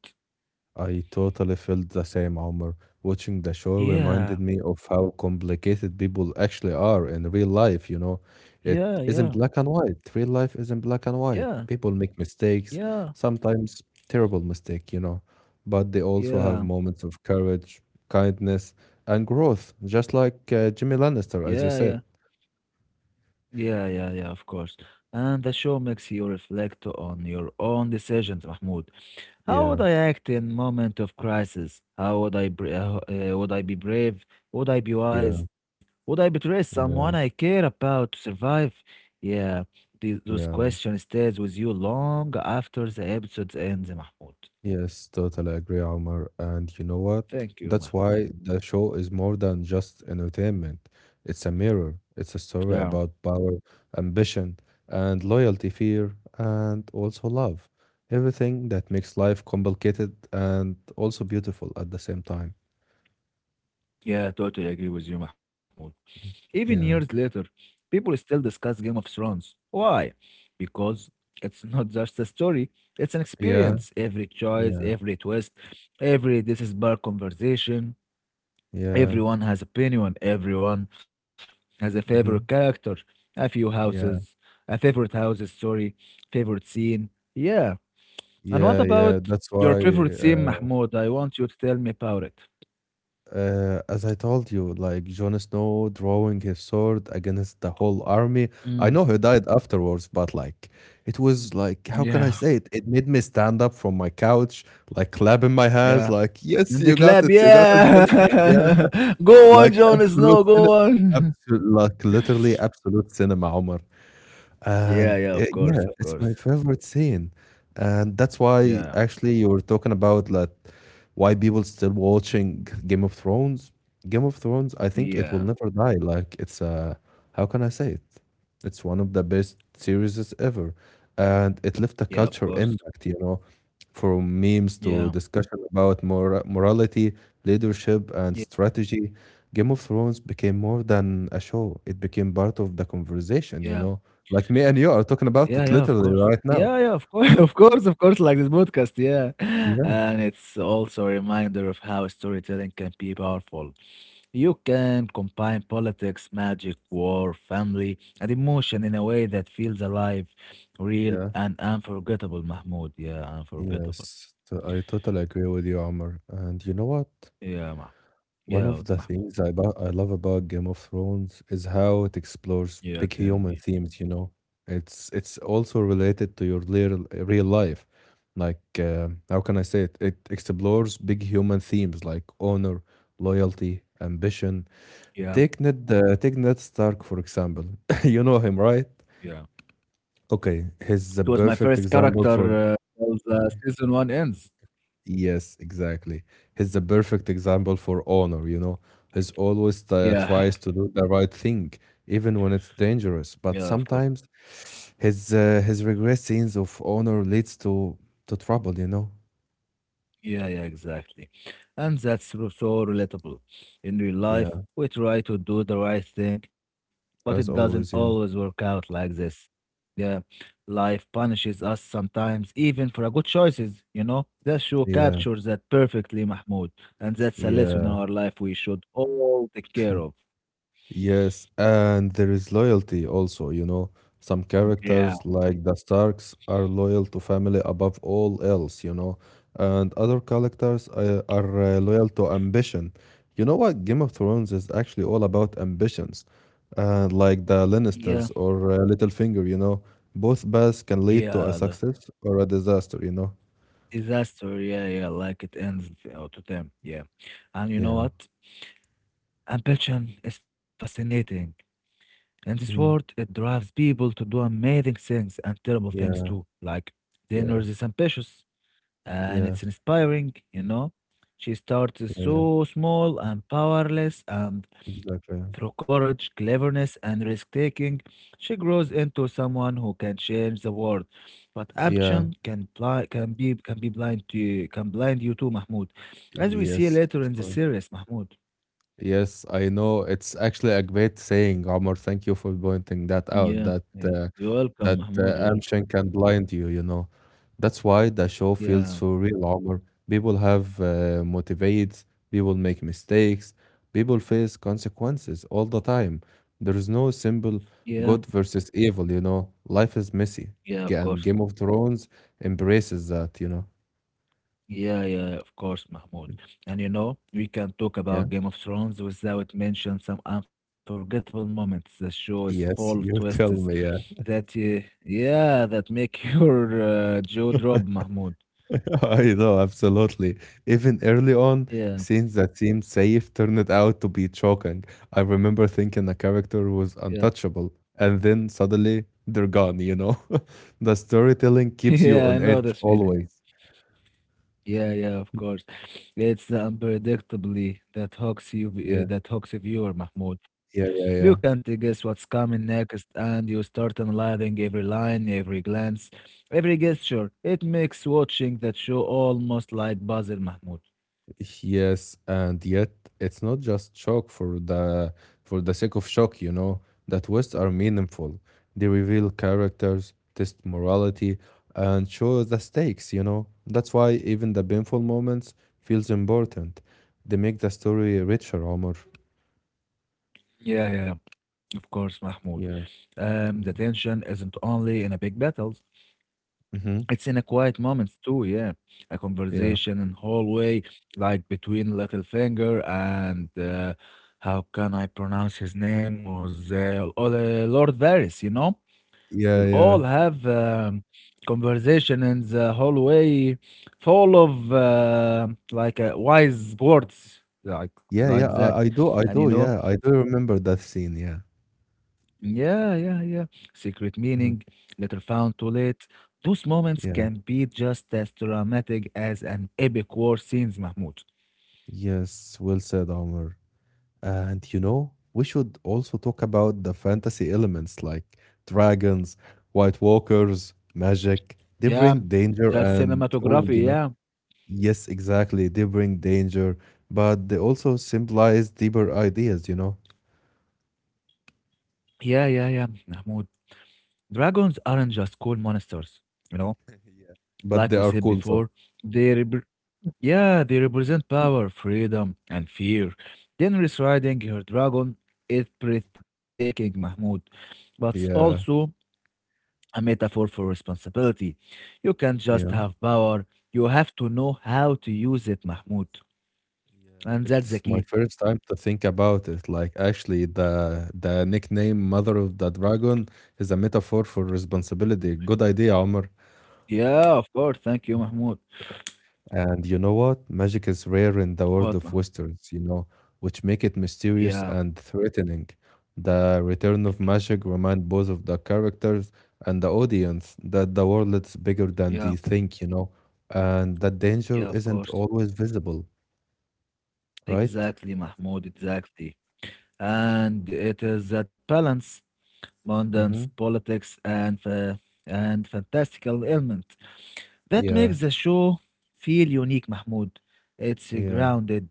[SPEAKER 1] I totally felt the same, Amr. Watching the show reminded
[SPEAKER 2] Yeah,
[SPEAKER 1] me of how complicated people actually are in real life.
[SPEAKER 2] yeah,
[SPEAKER 1] It
[SPEAKER 2] yeah,
[SPEAKER 1] isn't black and white. Real life isn't black and white.
[SPEAKER 2] yeah,
[SPEAKER 1] People make mistakes,
[SPEAKER 2] yeah,
[SPEAKER 1] sometimes terrible mistake. But they also have
[SPEAKER 2] yeah.
[SPEAKER 1] moments of courage, kindness, and growth, just like Jimmy
[SPEAKER 2] Yeah,
[SPEAKER 1] Lannister,
[SPEAKER 2] yeah,
[SPEAKER 1] as you said.
[SPEAKER 2] yeah, yeah, yeah, of course. And the show makes you reflect on your own decisions, Mahmoud. How would
[SPEAKER 1] Yeah,
[SPEAKER 2] I act in moment of crisis? How would I br would I be brave? Would I be
[SPEAKER 1] yeah,
[SPEAKER 2] wise? Would I betray someone
[SPEAKER 1] yeah.
[SPEAKER 2] I care about to survive? Yeah,
[SPEAKER 1] Yeah,
[SPEAKER 2] those questions stays with you long after the episode ends, Mahmoud.
[SPEAKER 1] yes, totally agree, Omar. And you know what? That's
[SPEAKER 2] Thank you,
[SPEAKER 1] why
[SPEAKER 2] Mahmoud.
[SPEAKER 1] the show is more than just entertainment. It's a mirror. It's a story
[SPEAKER 2] Yeah,
[SPEAKER 1] about power, ambition, and loyalty, fear, and also love. Everything that makes life complicated and also beautiful at the same time.
[SPEAKER 2] yeah, totally agree with you, Mahmoud.
[SPEAKER 1] Mhm.
[SPEAKER 2] Even
[SPEAKER 1] Yeah,
[SPEAKER 2] years later, people still discuss Game of Thrones. Why? Because it's not just a story, it's an
[SPEAKER 1] yeah,
[SPEAKER 2] experience. Every choice,
[SPEAKER 1] yeah,
[SPEAKER 2] every twist, every this is bar conversation.
[SPEAKER 1] yeah.
[SPEAKER 2] Everyone has opinion, everyone has a favorite
[SPEAKER 1] Hmm.
[SPEAKER 2] character, a few houses,
[SPEAKER 1] Yeah,
[SPEAKER 2] a favorite house's story, favorite scene. Yeah. And what
[SPEAKER 1] yeah, yeah.
[SPEAKER 2] about
[SPEAKER 1] That's
[SPEAKER 2] your
[SPEAKER 1] why.
[SPEAKER 2] favorite scene,
[SPEAKER 1] uh,
[SPEAKER 2] Mahmoud? I want you to tell me about it.
[SPEAKER 1] As I told you, like Jon Snow drawing his sword against the whole army.
[SPEAKER 2] Mm,
[SPEAKER 1] I know he died afterwards, but like it was like, how can I
[SPEAKER 2] yeah.
[SPEAKER 1] say it? It made me stand up from my couch, like clapping my hands,
[SPEAKER 2] Yeah.
[SPEAKER 1] like, yes,
[SPEAKER 2] And they clap,
[SPEAKER 1] you got it,
[SPEAKER 2] yeah.
[SPEAKER 1] Jon Snow. Yeah,
[SPEAKER 2] Go on,
[SPEAKER 1] like
[SPEAKER 2] Jon
[SPEAKER 1] absolute
[SPEAKER 2] Snow,
[SPEAKER 1] cinema,
[SPEAKER 2] go on.
[SPEAKER 1] absolute, like literally absolute cinema, Omar. And
[SPEAKER 2] Yeah, yeah, of
[SPEAKER 1] yeah,
[SPEAKER 2] course, of
[SPEAKER 1] it's my
[SPEAKER 2] course.
[SPEAKER 1] favorite scene. And that's why
[SPEAKER 2] Yeah,
[SPEAKER 1] actually you were talking about like why people still watching Game of Thrones. Game of Thrones, I think it will
[SPEAKER 2] yeah,
[SPEAKER 1] never die. Like it's a how can I say it? It's one of the best series ever. And it left a
[SPEAKER 2] yeah, of
[SPEAKER 1] culture
[SPEAKER 2] course.
[SPEAKER 1] impact, from memes to
[SPEAKER 2] Yeah,
[SPEAKER 1] discussion about morality, leadership, and
[SPEAKER 2] yeah,
[SPEAKER 1] strategy. Game of Thrones became more than a show, it became part of the
[SPEAKER 2] yeah,
[SPEAKER 1] conversation. Like me and you are talking
[SPEAKER 2] yeah, yeah,
[SPEAKER 1] about
[SPEAKER 2] of
[SPEAKER 1] it
[SPEAKER 2] course.
[SPEAKER 1] literally right
[SPEAKER 2] Yeah, yeah,
[SPEAKER 1] now.
[SPEAKER 2] of course, of course, like this podcast, yeah.
[SPEAKER 1] Yeah.
[SPEAKER 2] And it's also a reminder of how storytelling can be powerful. You can combine politics, magic, war, family, and emotion in a way that feels alive, real,
[SPEAKER 1] Yeah.
[SPEAKER 2] and unforgettable, Mahmoud. Yeah, unforgettable.
[SPEAKER 1] Yes. I totally agree with you, Amr. And you know what?
[SPEAKER 2] Yeah, Mahmoud.
[SPEAKER 1] One
[SPEAKER 2] Yeah,
[SPEAKER 1] of the
[SPEAKER 2] Mahmoud.
[SPEAKER 1] things I love about Game of Thrones is how it explores
[SPEAKER 2] Yeah, tell
[SPEAKER 1] big
[SPEAKER 2] me.
[SPEAKER 1] human themes. It's also related to your real, real life. Like, how can I say it? It explores big human themes like honor, loyalty, ambition.
[SPEAKER 2] Yeah,
[SPEAKER 1] Take Ned Stark, for example. You know him, right?
[SPEAKER 2] yeah.
[SPEAKER 1] Okay, he's
[SPEAKER 2] It
[SPEAKER 1] a
[SPEAKER 2] was my
[SPEAKER 1] perfect
[SPEAKER 2] first
[SPEAKER 1] example for.
[SPEAKER 2] character till the season one ends.
[SPEAKER 1] Yes, exactly. He's the perfect example for honor. He's always
[SPEAKER 2] Yeah,
[SPEAKER 1] tries to do the right thing, even when it's
[SPEAKER 2] yeah,
[SPEAKER 1] dangerous.
[SPEAKER 2] of
[SPEAKER 1] But
[SPEAKER 2] course.
[SPEAKER 1] sometimes his regret scenes of honor leads to trouble.
[SPEAKER 2] Yeah, yeah, exactly. And that's so relatable. In real life,
[SPEAKER 1] Yeah,
[SPEAKER 2] we try to do the right thing, but it
[SPEAKER 1] as
[SPEAKER 2] doesn't
[SPEAKER 1] always.
[SPEAKER 2] always
[SPEAKER 1] Yeah,
[SPEAKER 2] work out like this. Yeah, life punishes us sometimes, even for our good choices, you know? That show
[SPEAKER 1] yeah,
[SPEAKER 2] captures that perfectly, Mahmoud. And that's a lesson in
[SPEAKER 1] yeah.
[SPEAKER 2] our life we should all take care of.
[SPEAKER 1] Yes, and there is loyalty also. Some
[SPEAKER 2] Yeah.
[SPEAKER 1] characters, like the Starks, are loyal to family above all else. And other characters are loyal to ambition. You know what? Game of Thrones is actually all about ambitions. And like the
[SPEAKER 2] Yeah,
[SPEAKER 1] Lannisters or Littlefinger, both paths can lead to a
[SPEAKER 2] yeah, the
[SPEAKER 1] success or a disaster.
[SPEAKER 2] disaster. Yeah, yeah, like it ends in auto time. Yeah, and you know
[SPEAKER 1] Yeah.
[SPEAKER 2] what? Ambition is fascinating. In this world,
[SPEAKER 1] Mhm.
[SPEAKER 2] it drives people to do amazing things and terrible things
[SPEAKER 1] Yeah.
[SPEAKER 2] too. Like the
[SPEAKER 1] Yeah.
[SPEAKER 2] energy is ambitious, and
[SPEAKER 1] Yeah.
[SPEAKER 2] it's inspiring, you know. She starts
[SPEAKER 1] Yeah. Yeah.
[SPEAKER 2] so small and powerless, and through
[SPEAKER 1] Exactly.
[SPEAKER 2] courage, cleverness, and risk taking, she grows into someone who can change the world. But
[SPEAKER 1] Yeah.
[SPEAKER 2] ambition can be blind to you, can blind you too, Mahmoud, as we see
[SPEAKER 1] Yes.
[SPEAKER 2] later
[SPEAKER 1] Of
[SPEAKER 2] in the
[SPEAKER 1] course.
[SPEAKER 2] series, Mahmoud.
[SPEAKER 1] Yes, I know. It's actually a great saying, Omar. Thank you for pointing that
[SPEAKER 2] Yeah,
[SPEAKER 1] out. That
[SPEAKER 2] yeah.
[SPEAKER 1] uh,
[SPEAKER 2] You're welcome,
[SPEAKER 1] that
[SPEAKER 2] Mahmoud. You're
[SPEAKER 1] uh,
[SPEAKER 2] welcome.
[SPEAKER 1] ambition can blind you. You know, that's why the show feels
[SPEAKER 2] Yeah,
[SPEAKER 1] so real, Omar. People have motivates. People make mistakes. People face consequences all the time. There is no simple
[SPEAKER 2] yeah,
[SPEAKER 1] good versus evil. You know, life is messy,
[SPEAKER 2] yeah. Of
[SPEAKER 1] And
[SPEAKER 2] course.
[SPEAKER 1] Game of Thrones embraces that.
[SPEAKER 2] Yeah, yeah, of course, Mahmoud. And you know, we can talk
[SPEAKER 1] Yeah.
[SPEAKER 2] about Game of Thrones without mentioning some unforgettable moments. The show is full of
[SPEAKER 1] Yes, you
[SPEAKER 2] twists
[SPEAKER 1] tell me. Yeah.
[SPEAKER 2] yeah, that make your jaw drop, Mahmoud.
[SPEAKER 1] I know, absolutely. Even early on,
[SPEAKER 2] Yeah,
[SPEAKER 1] scenes that seemed safe turned out to be shocking. I remember thinking a character
[SPEAKER 2] yeah,
[SPEAKER 1] was untouchable, and then suddenly they're gone, you know? The storytelling keeps you
[SPEAKER 2] yeah.
[SPEAKER 1] on
[SPEAKER 2] I know
[SPEAKER 1] edge
[SPEAKER 2] this feeling.
[SPEAKER 1] always.
[SPEAKER 2] Yeah, yeah, of course. It's the unpredictably that hooks you,
[SPEAKER 1] Yeah,
[SPEAKER 2] that hooks a viewer, Mahmoud.
[SPEAKER 1] yeah,
[SPEAKER 2] You
[SPEAKER 1] yeah,
[SPEAKER 2] can't
[SPEAKER 1] yeah.
[SPEAKER 2] guess what's coming next, and you start analyzing every line, every glance, every gesture. It makes watching that show almost like puzzle, Mahmoud.
[SPEAKER 1] Yes, and yet it's not just shock for the sake of shock. The twists are meaningful. They reveal characters, test morality, and show the stakes. That's why even the painful moments feels important. They make the story richer, Omar.
[SPEAKER 2] Yeah, yeah, yeah, of course, Mahmoud.
[SPEAKER 1] Yeah.
[SPEAKER 2] The
[SPEAKER 1] Mm-hmm.
[SPEAKER 2] tension isn't only in a big battles.
[SPEAKER 1] Hmm.
[SPEAKER 2] It's in a quiet moments too, yeah. A
[SPEAKER 1] Yeah.
[SPEAKER 2] conversation in hallway, like between little finger and how can I pronounce his name was Lord Varys, you know? They'll
[SPEAKER 1] Yeah, yeah.
[SPEAKER 2] all have conversation in the hallway, full of wise words,
[SPEAKER 1] Yeah, yeah.
[SPEAKER 2] like
[SPEAKER 1] I,
[SPEAKER 2] that,
[SPEAKER 1] I do I
[SPEAKER 2] and you
[SPEAKER 1] do,
[SPEAKER 2] know.
[SPEAKER 1] yeah. I do remember that scene, yeah.
[SPEAKER 2] Yeah, yeah, yeah. Secret meaning,
[SPEAKER 1] Mhm.
[SPEAKER 2] later found too late. Those moments
[SPEAKER 1] Yeah.
[SPEAKER 2] can be just as dramatic as an epic war scenes, Mahmoud.
[SPEAKER 1] Yes, well said, Omar. And you know, we should also talk about the fantasy elements like dragons, white walkers, magic. They
[SPEAKER 2] Yeah,
[SPEAKER 1] bring danger
[SPEAKER 2] the
[SPEAKER 1] and oh,
[SPEAKER 2] cinematography, yeah.
[SPEAKER 1] yes, exactly. They bring danger, but they also symbolize deeper ideas.
[SPEAKER 2] Yeah, yeah, yeah, Mahmoud. Dragons aren't just cool monsters, you know.
[SPEAKER 1] Yeah. But they
[SPEAKER 2] Like we
[SPEAKER 1] are
[SPEAKER 2] said
[SPEAKER 1] cool though.
[SPEAKER 2] before, they repre- yeah, they represent power, freedom, and fear. Then riding her dragon is breathtaking, Mahmoud, but it's also
[SPEAKER 1] Yeah,
[SPEAKER 2] a metaphor for responsibility. You can't just
[SPEAKER 1] you know.
[SPEAKER 2] have power, you have to know how to use it, Mahmoud.
[SPEAKER 1] Yeah.
[SPEAKER 2] And that's the
[SPEAKER 1] It's my
[SPEAKER 2] key.
[SPEAKER 1] first time to think about it. Like actually the nickname Mother of the Dragon is a metaphor for responsibility. Good idea, Omar.
[SPEAKER 2] Yeah, of course. Thank you, Mahmoud.
[SPEAKER 1] And you know what? Magic is rare in the world
[SPEAKER 2] What,
[SPEAKER 1] of
[SPEAKER 2] Mahmoud?
[SPEAKER 1] westerns, which make it mysterious
[SPEAKER 2] Yeah,
[SPEAKER 1] and threatening. The return of magic remind both of the characters and the audience that the world is bigger than
[SPEAKER 2] yeah,
[SPEAKER 1] they think, and that
[SPEAKER 2] yeah,
[SPEAKER 1] danger
[SPEAKER 2] of
[SPEAKER 1] isn't
[SPEAKER 2] course.
[SPEAKER 1] always visible, right?
[SPEAKER 2] Exactly, Mahmoud, exactly. And it is that balance, mundane
[SPEAKER 1] Mm-hmm.
[SPEAKER 2] politics and and fantastical element. That
[SPEAKER 1] Yeah,
[SPEAKER 2] makes the show feel unique, Mahmoud. It's
[SPEAKER 1] yeah.
[SPEAKER 2] grounded,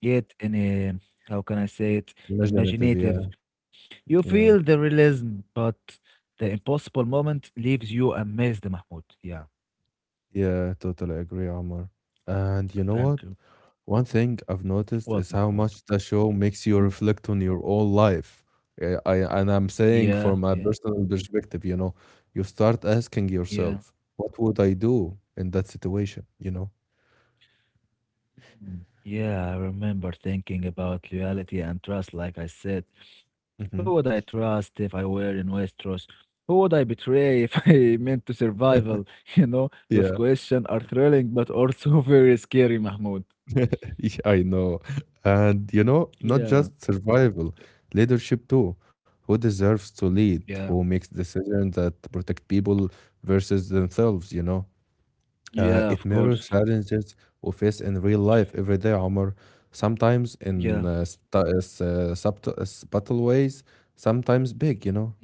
[SPEAKER 2] yet in a, how can I say it,
[SPEAKER 1] Imaginative,
[SPEAKER 2] imaginative.
[SPEAKER 1] yeah,
[SPEAKER 2] You
[SPEAKER 1] yeah.
[SPEAKER 2] feel the realism, but the impossible moment leaves you amazed, Mahmoud. Yeah,
[SPEAKER 1] Yeah, totally agree, Omar. And you know what?
[SPEAKER 2] thank you.
[SPEAKER 1] One thing I've noticed is how
[SPEAKER 2] What,
[SPEAKER 1] much
[SPEAKER 2] Mahmoud?
[SPEAKER 1] the show makes you
[SPEAKER 2] Mm.
[SPEAKER 1] reflect on your own life. I and I'm saying
[SPEAKER 2] Yeah,
[SPEAKER 1] from my
[SPEAKER 2] yeah,
[SPEAKER 1] personal perspective, you start asking
[SPEAKER 2] yeah.
[SPEAKER 1] yourself, what would I do in that situation? You know?
[SPEAKER 2] Mm. Yeah, I remember thinking about loyalty and trust, like I said. Who would I
[SPEAKER 1] Hmm.
[SPEAKER 2] trust if I were in Westeros? Who would I betray if I meant to survival? You know, those
[SPEAKER 1] Yeah.
[SPEAKER 2] questions are thrilling but also very scary, Mahmoud.
[SPEAKER 1] Yeah, I know. And you know, not
[SPEAKER 2] Yeah,
[SPEAKER 1] just survival, leadership too. Who deserves to lead?
[SPEAKER 2] yeah,
[SPEAKER 1] Who makes decisions that protect people versus themselves, you know?
[SPEAKER 2] yeah,
[SPEAKER 1] It
[SPEAKER 2] of
[SPEAKER 1] mirrors
[SPEAKER 2] course.
[SPEAKER 1] challenges we face in real life every day, Omar. Sometimes in
[SPEAKER 2] Yeah,
[SPEAKER 1] subtle ways, sometimes big, you know?
[SPEAKER 2] yeah,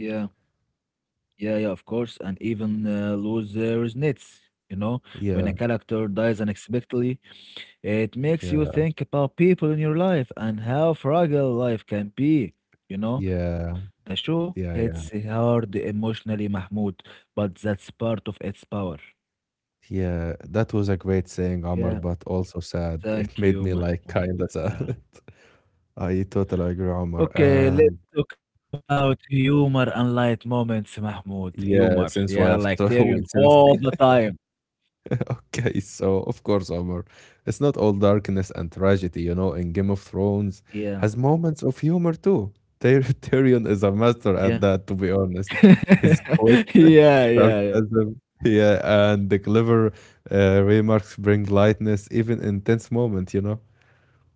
[SPEAKER 2] yeah, yeah, of course. And even lose resonates, you know, when a
[SPEAKER 1] Yeah,
[SPEAKER 2] character dies unexpectedly. It makes you
[SPEAKER 1] yeah,
[SPEAKER 2] think about people in your life and how fragile life can be. You know, the
[SPEAKER 1] yeah,
[SPEAKER 2] show hits
[SPEAKER 1] yeah, yeah.
[SPEAKER 2] hard emotionally, Mahmoud, but that's part of its power.
[SPEAKER 1] Yeah, that was a great saying, Omar,
[SPEAKER 2] Yeah,
[SPEAKER 1] but also sad. It
[SPEAKER 2] thank
[SPEAKER 1] made
[SPEAKER 2] you,
[SPEAKER 1] me like
[SPEAKER 2] Mahmoud.
[SPEAKER 1] kinda
[SPEAKER 2] Yeah.
[SPEAKER 1] sad. I totally agree, Omar.
[SPEAKER 2] Okay,
[SPEAKER 1] And
[SPEAKER 2] let's talk about humor and light moments, Mahmoud. Humor,
[SPEAKER 1] yeah,
[SPEAKER 2] yeah,
[SPEAKER 1] since we
[SPEAKER 2] like
[SPEAKER 1] have
[SPEAKER 2] Tyrion
[SPEAKER 1] to, since
[SPEAKER 2] all the time.
[SPEAKER 1] Okay, so of course, Omar, it's not all darkness and tragedy, in Game of Thrones
[SPEAKER 2] Yeah,
[SPEAKER 1] has moments of humor too. Tyrion is a
[SPEAKER 2] yeah,
[SPEAKER 1] master at that, to be honest. His
[SPEAKER 2] yeah,
[SPEAKER 1] wit,
[SPEAKER 2] yeah, yeah.
[SPEAKER 1] sarcasm, yeah, and the clever remarks bring lightness even in tense moment.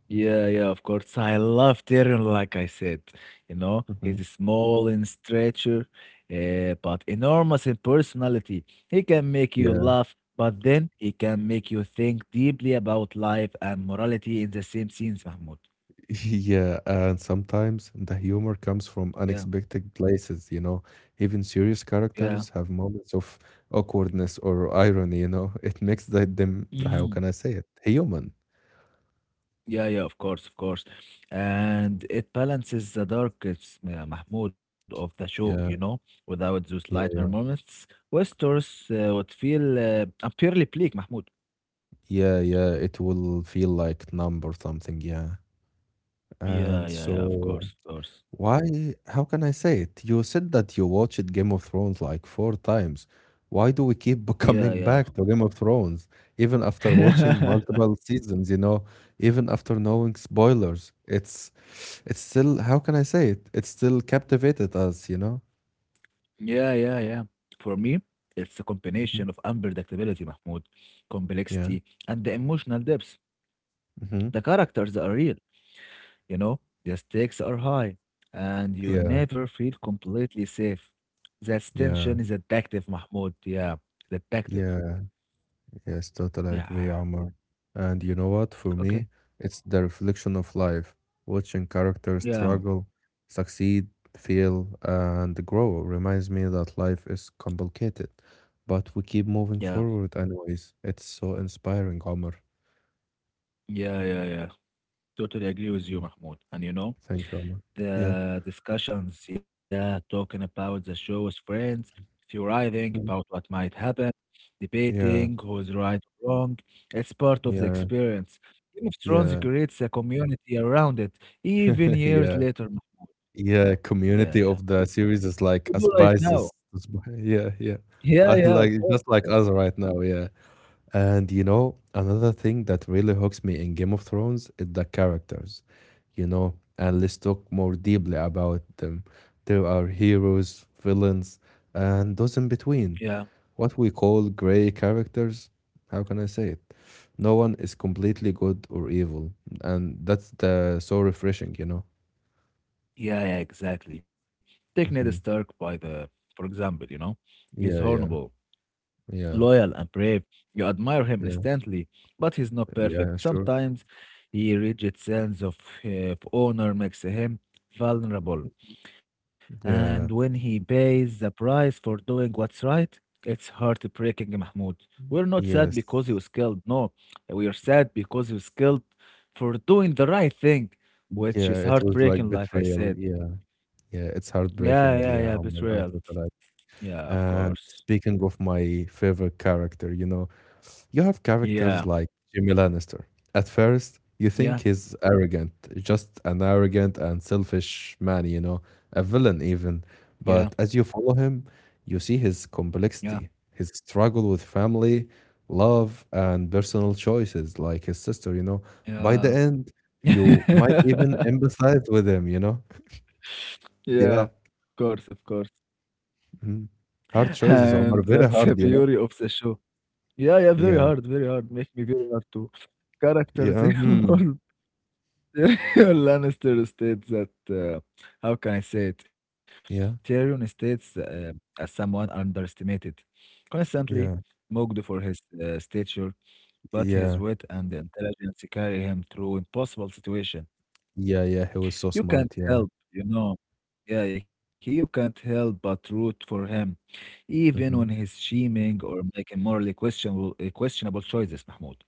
[SPEAKER 2] Yeah, yeah, of course. I love Tyrion, like I said. You know,
[SPEAKER 1] Mhm.
[SPEAKER 2] he's small in stature, but enormous in personality. He can make you
[SPEAKER 1] Yeah.
[SPEAKER 2] laugh, but then he can make you think deeply about life and morality in the same scenes, Mahmoud.
[SPEAKER 1] Yeah, and sometimes the humor comes from
[SPEAKER 2] Yeah,
[SPEAKER 1] unexpected places. Even serious
[SPEAKER 2] yeah.
[SPEAKER 1] characters have moments of awkwardness or irony. It makes them, how
[SPEAKER 2] Mm.
[SPEAKER 1] can I say it, human.
[SPEAKER 2] Yeah, yeah, of course, of course. And it balances the darkest Mahmoud of the show, you know,
[SPEAKER 1] Yeah,
[SPEAKER 2] without those lighter
[SPEAKER 1] yeah,
[SPEAKER 2] moments. Westeros would feel purely bleak, Mahmoud.
[SPEAKER 1] yeah, yeah. It will feel like numb or something, yeah.
[SPEAKER 2] Yeah,
[SPEAKER 1] And
[SPEAKER 2] yeah, yeah, of
[SPEAKER 1] so,
[SPEAKER 2] course, of course.
[SPEAKER 1] why? How can I say it? You said that you watched Game of Thrones like four times. Why do we keep
[SPEAKER 2] Yeah,
[SPEAKER 1] coming
[SPEAKER 2] yeah.
[SPEAKER 1] back to Game of Thrones, even after watching multiple seasons, even after knowing spoilers? It's still, how can I say it? It's still captivated us, you know?
[SPEAKER 2] Yeah, yeah, yeah. For me, it's a
[SPEAKER 1] Hmm.
[SPEAKER 2] combination of unpredictability, Mahmoud,
[SPEAKER 1] Yeah.
[SPEAKER 2] complexity, and the emotional depth.
[SPEAKER 1] Hmm.
[SPEAKER 2] The characters are real, you know, the stakes are high, and you
[SPEAKER 1] Yeah.
[SPEAKER 2] never feel completely safe. That
[SPEAKER 1] Yeah.
[SPEAKER 2] tension is addictive, Mahmoud. Yeah, it's addictive.
[SPEAKER 1] Yeah. Yes, totally agree,
[SPEAKER 2] Yeah,
[SPEAKER 1] Omar. And you know what? For me,
[SPEAKER 2] okay.
[SPEAKER 1] it's the reflection of life, watching characters
[SPEAKER 2] Yeah,
[SPEAKER 1] struggle, succeed, fail, and grow reminds me that life is complicated, but we keep moving
[SPEAKER 2] yeah,
[SPEAKER 1] forward anyways. It's so inspiring, Omar.
[SPEAKER 2] yeah, yeah, yeah. Totally agree with you,
[SPEAKER 1] Hmm.
[SPEAKER 2] Mahmoud. And you know,
[SPEAKER 1] Thank you, Omar. Yeah.
[SPEAKER 2] the discussions, yeah, talking about the show with friends, theorizing about
[SPEAKER 1] Mhm.
[SPEAKER 2] what might happen,
[SPEAKER 1] Yeah.
[SPEAKER 2] debating who's right or wrong. It's part of the
[SPEAKER 1] Yeah.
[SPEAKER 2] experience. Game of Thrones
[SPEAKER 1] Yeah.
[SPEAKER 2] creates a community around it, even years
[SPEAKER 1] Yeah.
[SPEAKER 2] later, Mahmoud. Yeah,
[SPEAKER 1] Yeah.
[SPEAKER 2] yeah, yeah.
[SPEAKER 1] Community of the series
[SPEAKER 2] We
[SPEAKER 1] is
[SPEAKER 2] do
[SPEAKER 1] like
[SPEAKER 2] right
[SPEAKER 1] a
[SPEAKER 2] now.
[SPEAKER 1] spices. Yeah. Yeah.
[SPEAKER 2] Yeah, yeah,
[SPEAKER 1] I
[SPEAKER 2] of
[SPEAKER 1] like
[SPEAKER 2] course,
[SPEAKER 1] just
[SPEAKER 2] of
[SPEAKER 1] like
[SPEAKER 2] course.
[SPEAKER 1] us right now. Yeah. And you know, another thing that really hooks me in Game of Thrones is the characters, and let's talk more deeply about them. There are heroes, villains, and those in between.
[SPEAKER 2] Yeah,
[SPEAKER 1] What we call gray characters, how can I say it? No one is completely good or evil, and that's the so refreshing.
[SPEAKER 2] yeah, yeah, exactly. Take Ned Stark
[SPEAKER 1] Hmm.
[SPEAKER 2] for example, you know, he's
[SPEAKER 1] Yeah, yeah,
[SPEAKER 2] horrible,
[SPEAKER 1] yeah,
[SPEAKER 2] loyal and brave. You admire him
[SPEAKER 1] yeah,
[SPEAKER 2] instantly, but he's not
[SPEAKER 1] yeah,
[SPEAKER 2] perfect.
[SPEAKER 1] sure.
[SPEAKER 2] Sometimes his rigid sense uh, of honor makes him vulnerable. And
[SPEAKER 1] Yeah,
[SPEAKER 2] when he pays the price for doing what's right, it's heartbreaking, Mahmoud. We're not sad
[SPEAKER 1] yes.
[SPEAKER 2] because he was killed. No, we are sad because he was killed for doing the right thing, which
[SPEAKER 1] Yeah,
[SPEAKER 2] is
[SPEAKER 1] it was like
[SPEAKER 2] heartbreaking, like I
[SPEAKER 1] betrayal.
[SPEAKER 2] said.
[SPEAKER 1] Yeah. Yeah, it's
[SPEAKER 2] Yeah, yeah, yeah,
[SPEAKER 1] heartbreaking. Yeah,
[SPEAKER 2] betrayal.
[SPEAKER 1] Omar, I totally.
[SPEAKER 2] Yeah, of
[SPEAKER 1] And
[SPEAKER 2] course.
[SPEAKER 1] speaking of my favorite character, you have characters
[SPEAKER 2] Yeah,
[SPEAKER 1] like Jimmy Lannister. At first, you think
[SPEAKER 2] yeah,
[SPEAKER 1] he's arrogant, just an arrogant and selfish man, a villain even.
[SPEAKER 2] yeah,
[SPEAKER 1] But as you follow him, you see his
[SPEAKER 2] yeah,
[SPEAKER 1] complexity, his struggle with family, love, and personal choices, like his sister. By the
[SPEAKER 2] yeah.
[SPEAKER 1] end, you might even empathize with him.
[SPEAKER 2] Yeah,
[SPEAKER 1] Yeah.
[SPEAKER 2] of course, of course.
[SPEAKER 1] Mhm. Hard choices,
[SPEAKER 2] And
[SPEAKER 1] Omar,
[SPEAKER 2] that's
[SPEAKER 1] very
[SPEAKER 2] the
[SPEAKER 1] hard, you
[SPEAKER 2] beauty
[SPEAKER 1] know?
[SPEAKER 2] of the show. Yeah, yeah, very
[SPEAKER 1] Yeah,
[SPEAKER 2] hard, very hard. Make me very hard to characters
[SPEAKER 1] yeah, mhm,
[SPEAKER 2] involved. Tyrion Lannister states that how can I say it?
[SPEAKER 1] yeah.
[SPEAKER 2] Tyrion states as someone underestimated, constantly
[SPEAKER 1] Yeah,
[SPEAKER 2] mocked for his stature, but his
[SPEAKER 1] yeah,
[SPEAKER 2] wit and intelligence carry him through impossible situations.
[SPEAKER 1] yeah, yeah. He was so
[SPEAKER 2] You
[SPEAKER 1] smart.
[SPEAKER 2] can't
[SPEAKER 1] Yeah.
[SPEAKER 2] help, you know. Yeah, you can't help but root for him, even when he's
[SPEAKER 1] Mhm.
[SPEAKER 2] scheming or making morally questionable choices, Mahmoud.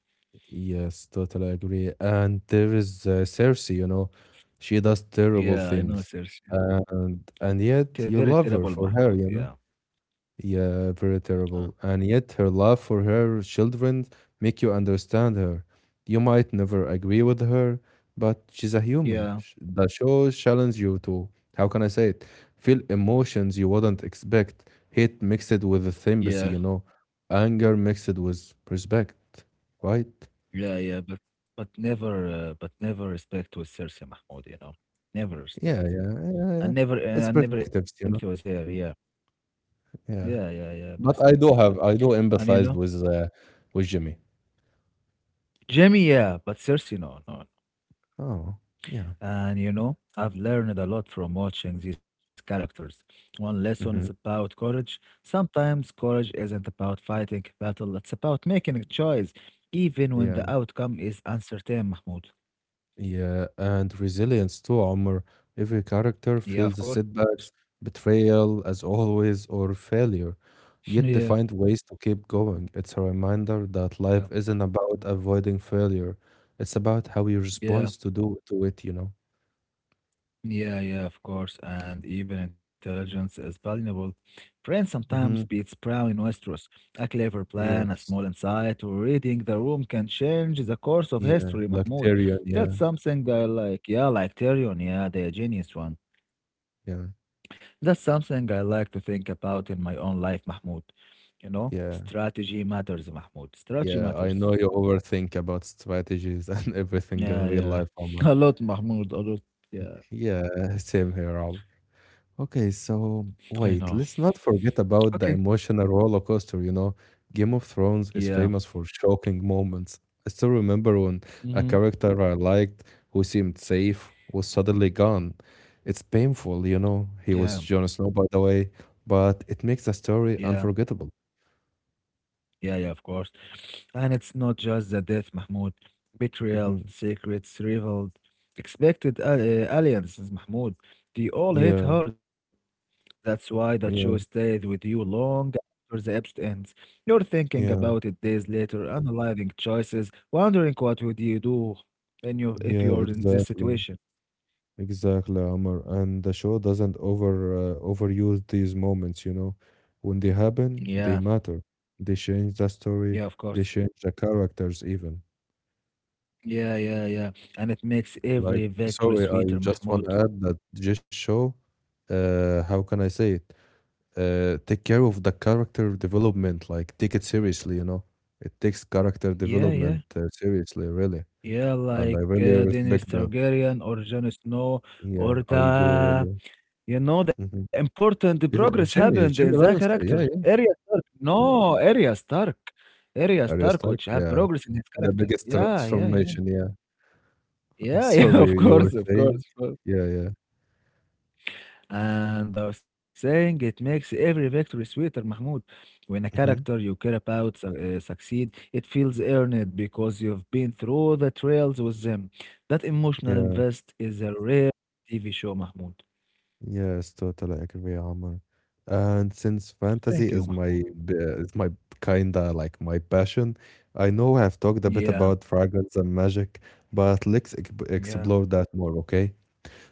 [SPEAKER 1] Yes, totally agree. And there is Cersei, she does terrible
[SPEAKER 2] Yeah, I know,
[SPEAKER 1] things,
[SPEAKER 2] Serge. Yeah.
[SPEAKER 1] and
[SPEAKER 2] Very
[SPEAKER 1] yet you
[SPEAKER 2] terrible,
[SPEAKER 1] love her
[SPEAKER 2] Mahmoud.
[SPEAKER 1] for her,
[SPEAKER 2] Yeah,
[SPEAKER 1] you know. Yeah, very
[SPEAKER 2] uh,
[SPEAKER 1] terrible. And yet her love for her children make you understand her. You might never agree with her, but she's a human.
[SPEAKER 2] yeah,
[SPEAKER 1] The show challenge you to, how can I say it? Feel emotions you wouldn't expect. Hate mixed with
[SPEAKER 2] yeah,
[SPEAKER 1] sympathy. Anger mixed with respect, right?
[SPEAKER 2] yeah, yeah. But never respect with Cersei, Mahmoud. You know, never
[SPEAKER 1] Yeah,
[SPEAKER 2] respect.
[SPEAKER 1] yeah, yeah, yeah, yeah.
[SPEAKER 2] And never,
[SPEAKER 1] It's
[SPEAKER 2] uh, and never empathy
[SPEAKER 1] perspectives,
[SPEAKER 2] with
[SPEAKER 1] you know.
[SPEAKER 2] her. Yeah, yeah,
[SPEAKER 1] Yeah.
[SPEAKER 2] yeah, yeah. Respect.
[SPEAKER 1] But
[SPEAKER 2] Yeah.
[SPEAKER 1] I do
[SPEAKER 2] And you know,
[SPEAKER 1] empathize with Jimmy.
[SPEAKER 2] Jamie. Yeah, but Cersei, no, no,
[SPEAKER 1] Oh, yeah.
[SPEAKER 2] and you know, I've learned a lot from watching these characters. One lesson is
[SPEAKER 1] Hmm.
[SPEAKER 2] about courage. Sometimes courage isn't about fighting a battle, it's about making a choice, even when
[SPEAKER 1] Yeah.
[SPEAKER 2] the outcome is uncertain, Mahmoud.
[SPEAKER 1] Yeah, and resilience too, Omar. Every character
[SPEAKER 2] Yeah,
[SPEAKER 1] feels
[SPEAKER 2] of
[SPEAKER 1] the
[SPEAKER 2] course.
[SPEAKER 1] setbacks, betrayal, as always, or failure,
[SPEAKER 2] Yeah,
[SPEAKER 1] yet they find ways to keep going. It's a reminder that
[SPEAKER 2] yeah,
[SPEAKER 1] life isn't about avoiding failure. It's about how you respond
[SPEAKER 2] yeah.
[SPEAKER 1] to do to it.
[SPEAKER 2] Yeah, yeah, of course. And even intelligence is valuable. Brain sometimes
[SPEAKER 1] Mm-hmm.
[SPEAKER 2] beats proud in Westeros. A clever plan, a
[SPEAKER 1] Yes.
[SPEAKER 2] small insight, or reading the room can change the course of
[SPEAKER 1] Yeah.
[SPEAKER 2] history,
[SPEAKER 1] Like
[SPEAKER 2] Mahmoud.
[SPEAKER 1] Tyrion, yeah,
[SPEAKER 2] That's something I like. Yeah, like Tyrion, yeah, the genius one.
[SPEAKER 1] yeah,
[SPEAKER 2] That's something I like to think about in my own life, Mahmoud. You know,
[SPEAKER 1] yeah.
[SPEAKER 2] strategy matters, Mahmoud. Strategy
[SPEAKER 1] Yeah, I know
[SPEAKER 2] matters.
[SPEAKER 1] you overthink about strategies and everything in
[SPEAKER 2] Yeah,
[SPEAKER 1] real
[SPEAKER 2] yeah.
[SPEAKER 1] life, Omar.
[SPEAKER 2] A lot, Mahmoud, a lot. Yeah,
[SPEAKER 1] Yeah, same here, Omar. Okay, so
[SPEAKER 2] I know.
[SPEAKER 1] wait, let's not forget
[SPEAKER 2] Okay.
[SPEAKER 1] about the emotional roller coaster. Game of Thrones is
[SPEAKER 2] Yeah.
[SPEAKER 1] famous for shocking moments. I still remember when a
[SPEAKER 2] Mm-hmm.
[SPEAKER 1] character I liked who seemed safe was suddenly gone. It's painful.
[SPEAKER 2] Yeah.
[SPEAKER 1] He was Jon Snow, by the way, but it makes the story
[SPEAKER 2] Yeah.
[SPEAKER 1] unforgettable.
[SPEAKER 2] Yeah, yeah, of course. And it's not just the death, Mahmoud. Betrayal,
[SPEAKER 1] Hmm.
[SPEAKER 2] secrets revealed, expected alliances, Mahmoud. They all hit
[SPEAKER 1] Yeah,
[SPEAKER 2] hard. That's why that show
[SPEAKER 1] yeah,
[SPEAKER 2] stays with you long after the episode ends. You're thinking
[SPEAKER 1] yeah,
[SPEAKER 2] about it days later, analyzing choices, wondering what would you do in your, if
[SPEAKER 1] yeah,
[SPEAKER 2] you're in this
[SPEAKER 1] exactly.
[SPEAKER 2] situation.
[SPEAKER 1] Exactly, Amar. And the show doesn't overuse these moments. When they happen,
[SPEAKER 2] Yeah,
[SPEAKER 1] they matter. They change the
[SPEAKER 2] yeah,
[SPEAKER 1] story,
[SPEAKER 2] of
[SPEAKER 1] they
[SPEAKER 2] course.
[SPEAKER 1] change the characters even.
[SPEAKER 2] Yeah, yeah, yeah. And it makes
[SPEAKER 1] Like,
[SPEAKER 2] every victory
[SPEAKER 1] sorry, I
[SPEAKER 2] sweeter,
[SPEAKER 1] just want to
[SPEAKER 2] Mahmoud.
[SPEAKER 1] add that this show, how can I say it? Take care of the character development, like take it seriously, It takes character
[SPEAKER 2] Yeah, yeah.
[SPEAKER 1] development seriously, really.
[SPEAKER 2] Yeah,
[SPEAKER 1] And I
[SPEAKER 2] like
[SPEAKER 1] really
[SPEAKER 2] Daenerys
[SPEAKER 1] respect that.
[SPEAKER 2] Targaryen or Jon Snow
[SPEAKER 1] Yeah,
[SPEAKER 2] or
[SPEAKER 1] I do
[SPEAKER 2] the
[SPEAKER 1] really.
[SPEAKER 2] you know the
[SPEAKER 1] Hmm.
[SPEAKER 2] important progress
[SPEAKER 1] Even
[SPEAKER 2] happened in
[SPEAKER 1] Jimmy,
[SPEAKER 2] that
[SPEAKER 1] Jimmy
[SPEAKER 2] character.
[SPEAKER 1] Lannister, yeah,
[SPEAKER 2] Arya
[SPEAKER 1] yeah,
[SPEAKER 2] Stark.
[SPEAKER 1] yeah.
[SPEAKER 2] No, Arya Stark. Arya
[SPEAKER 1] Arya
[SPEAKER 2] Stark, which
[SPEAKER 1] Stark?
[SPEAKER 2] have
[SPEAKER 1] Yeah,
[SPEAKER 2] progress in his
[SPEAKER 1] the
[SPEAKER 2] character.
[SPEAKER 1] biggest
[SPEAKER 2] Yeah, yeah, yeah.
[SPEAKER 1] transformation, yeah.
[SPEAKER 2] Yeah, yeah, of
[SPEAKER 1] Sorry, you were
[SPEAKER 2] course, of
[SPEAKER 1] saying?
[SPEAKER 2] course, of course.
[SPEAKER 1] Yeah, yeah.
[SPEAKER 2] And I was saying it makes every victory sweeter, Mahmoud. When a
[SPEAKER 1] Hmm.
[SPEAKER 2] character you care about succeed, it feels earned because you've been through the trails with them. That emotional
[SPEAKER 1] Yeah,
[SPEAKER 2] invest is a rare TV show, Mahmoud.
[SPEAKER 1] yes, totally agree, Omar. And since
[SPEAKER 2] Thank you,
[SPEAKER 1] fantasy is
[SPEAKER 2] Mahmoud.
[SPEAKER 1] is my kinda like my passion, I know I've talked a bit
[SPEAKER 2] Yeah,
[SPEAKER 1] about dragons and magic, but let's ex
[SPEAKER 2] yeah,
[SPEAKER 1] explore that more, okay?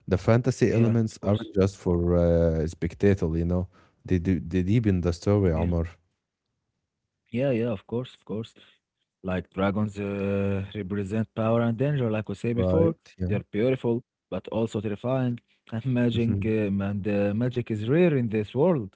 [SPEAKER 1] The fantasy
[SPEAKER 2] yeah,
[SPEAKER 1] elements
[SPEAKER 2] of course.
[SPEAKER 1] aren't just for spectacle, They deepen the
[SPEAKER 2] Yeah,
[SPEAKER 1] story, Omar.
[SPEAKER 2] yeah, yeah, of course, of course. Like dragons represent power and danger, like we say before.
[SPEAKER 1] Right? Yeah.
[SPEAKER 2] They're beautiful, but also terrifying. And magic,
[SPEAKER 1] Hmm.
[SPEAKER 2] um, and uh, magic is rare in this world,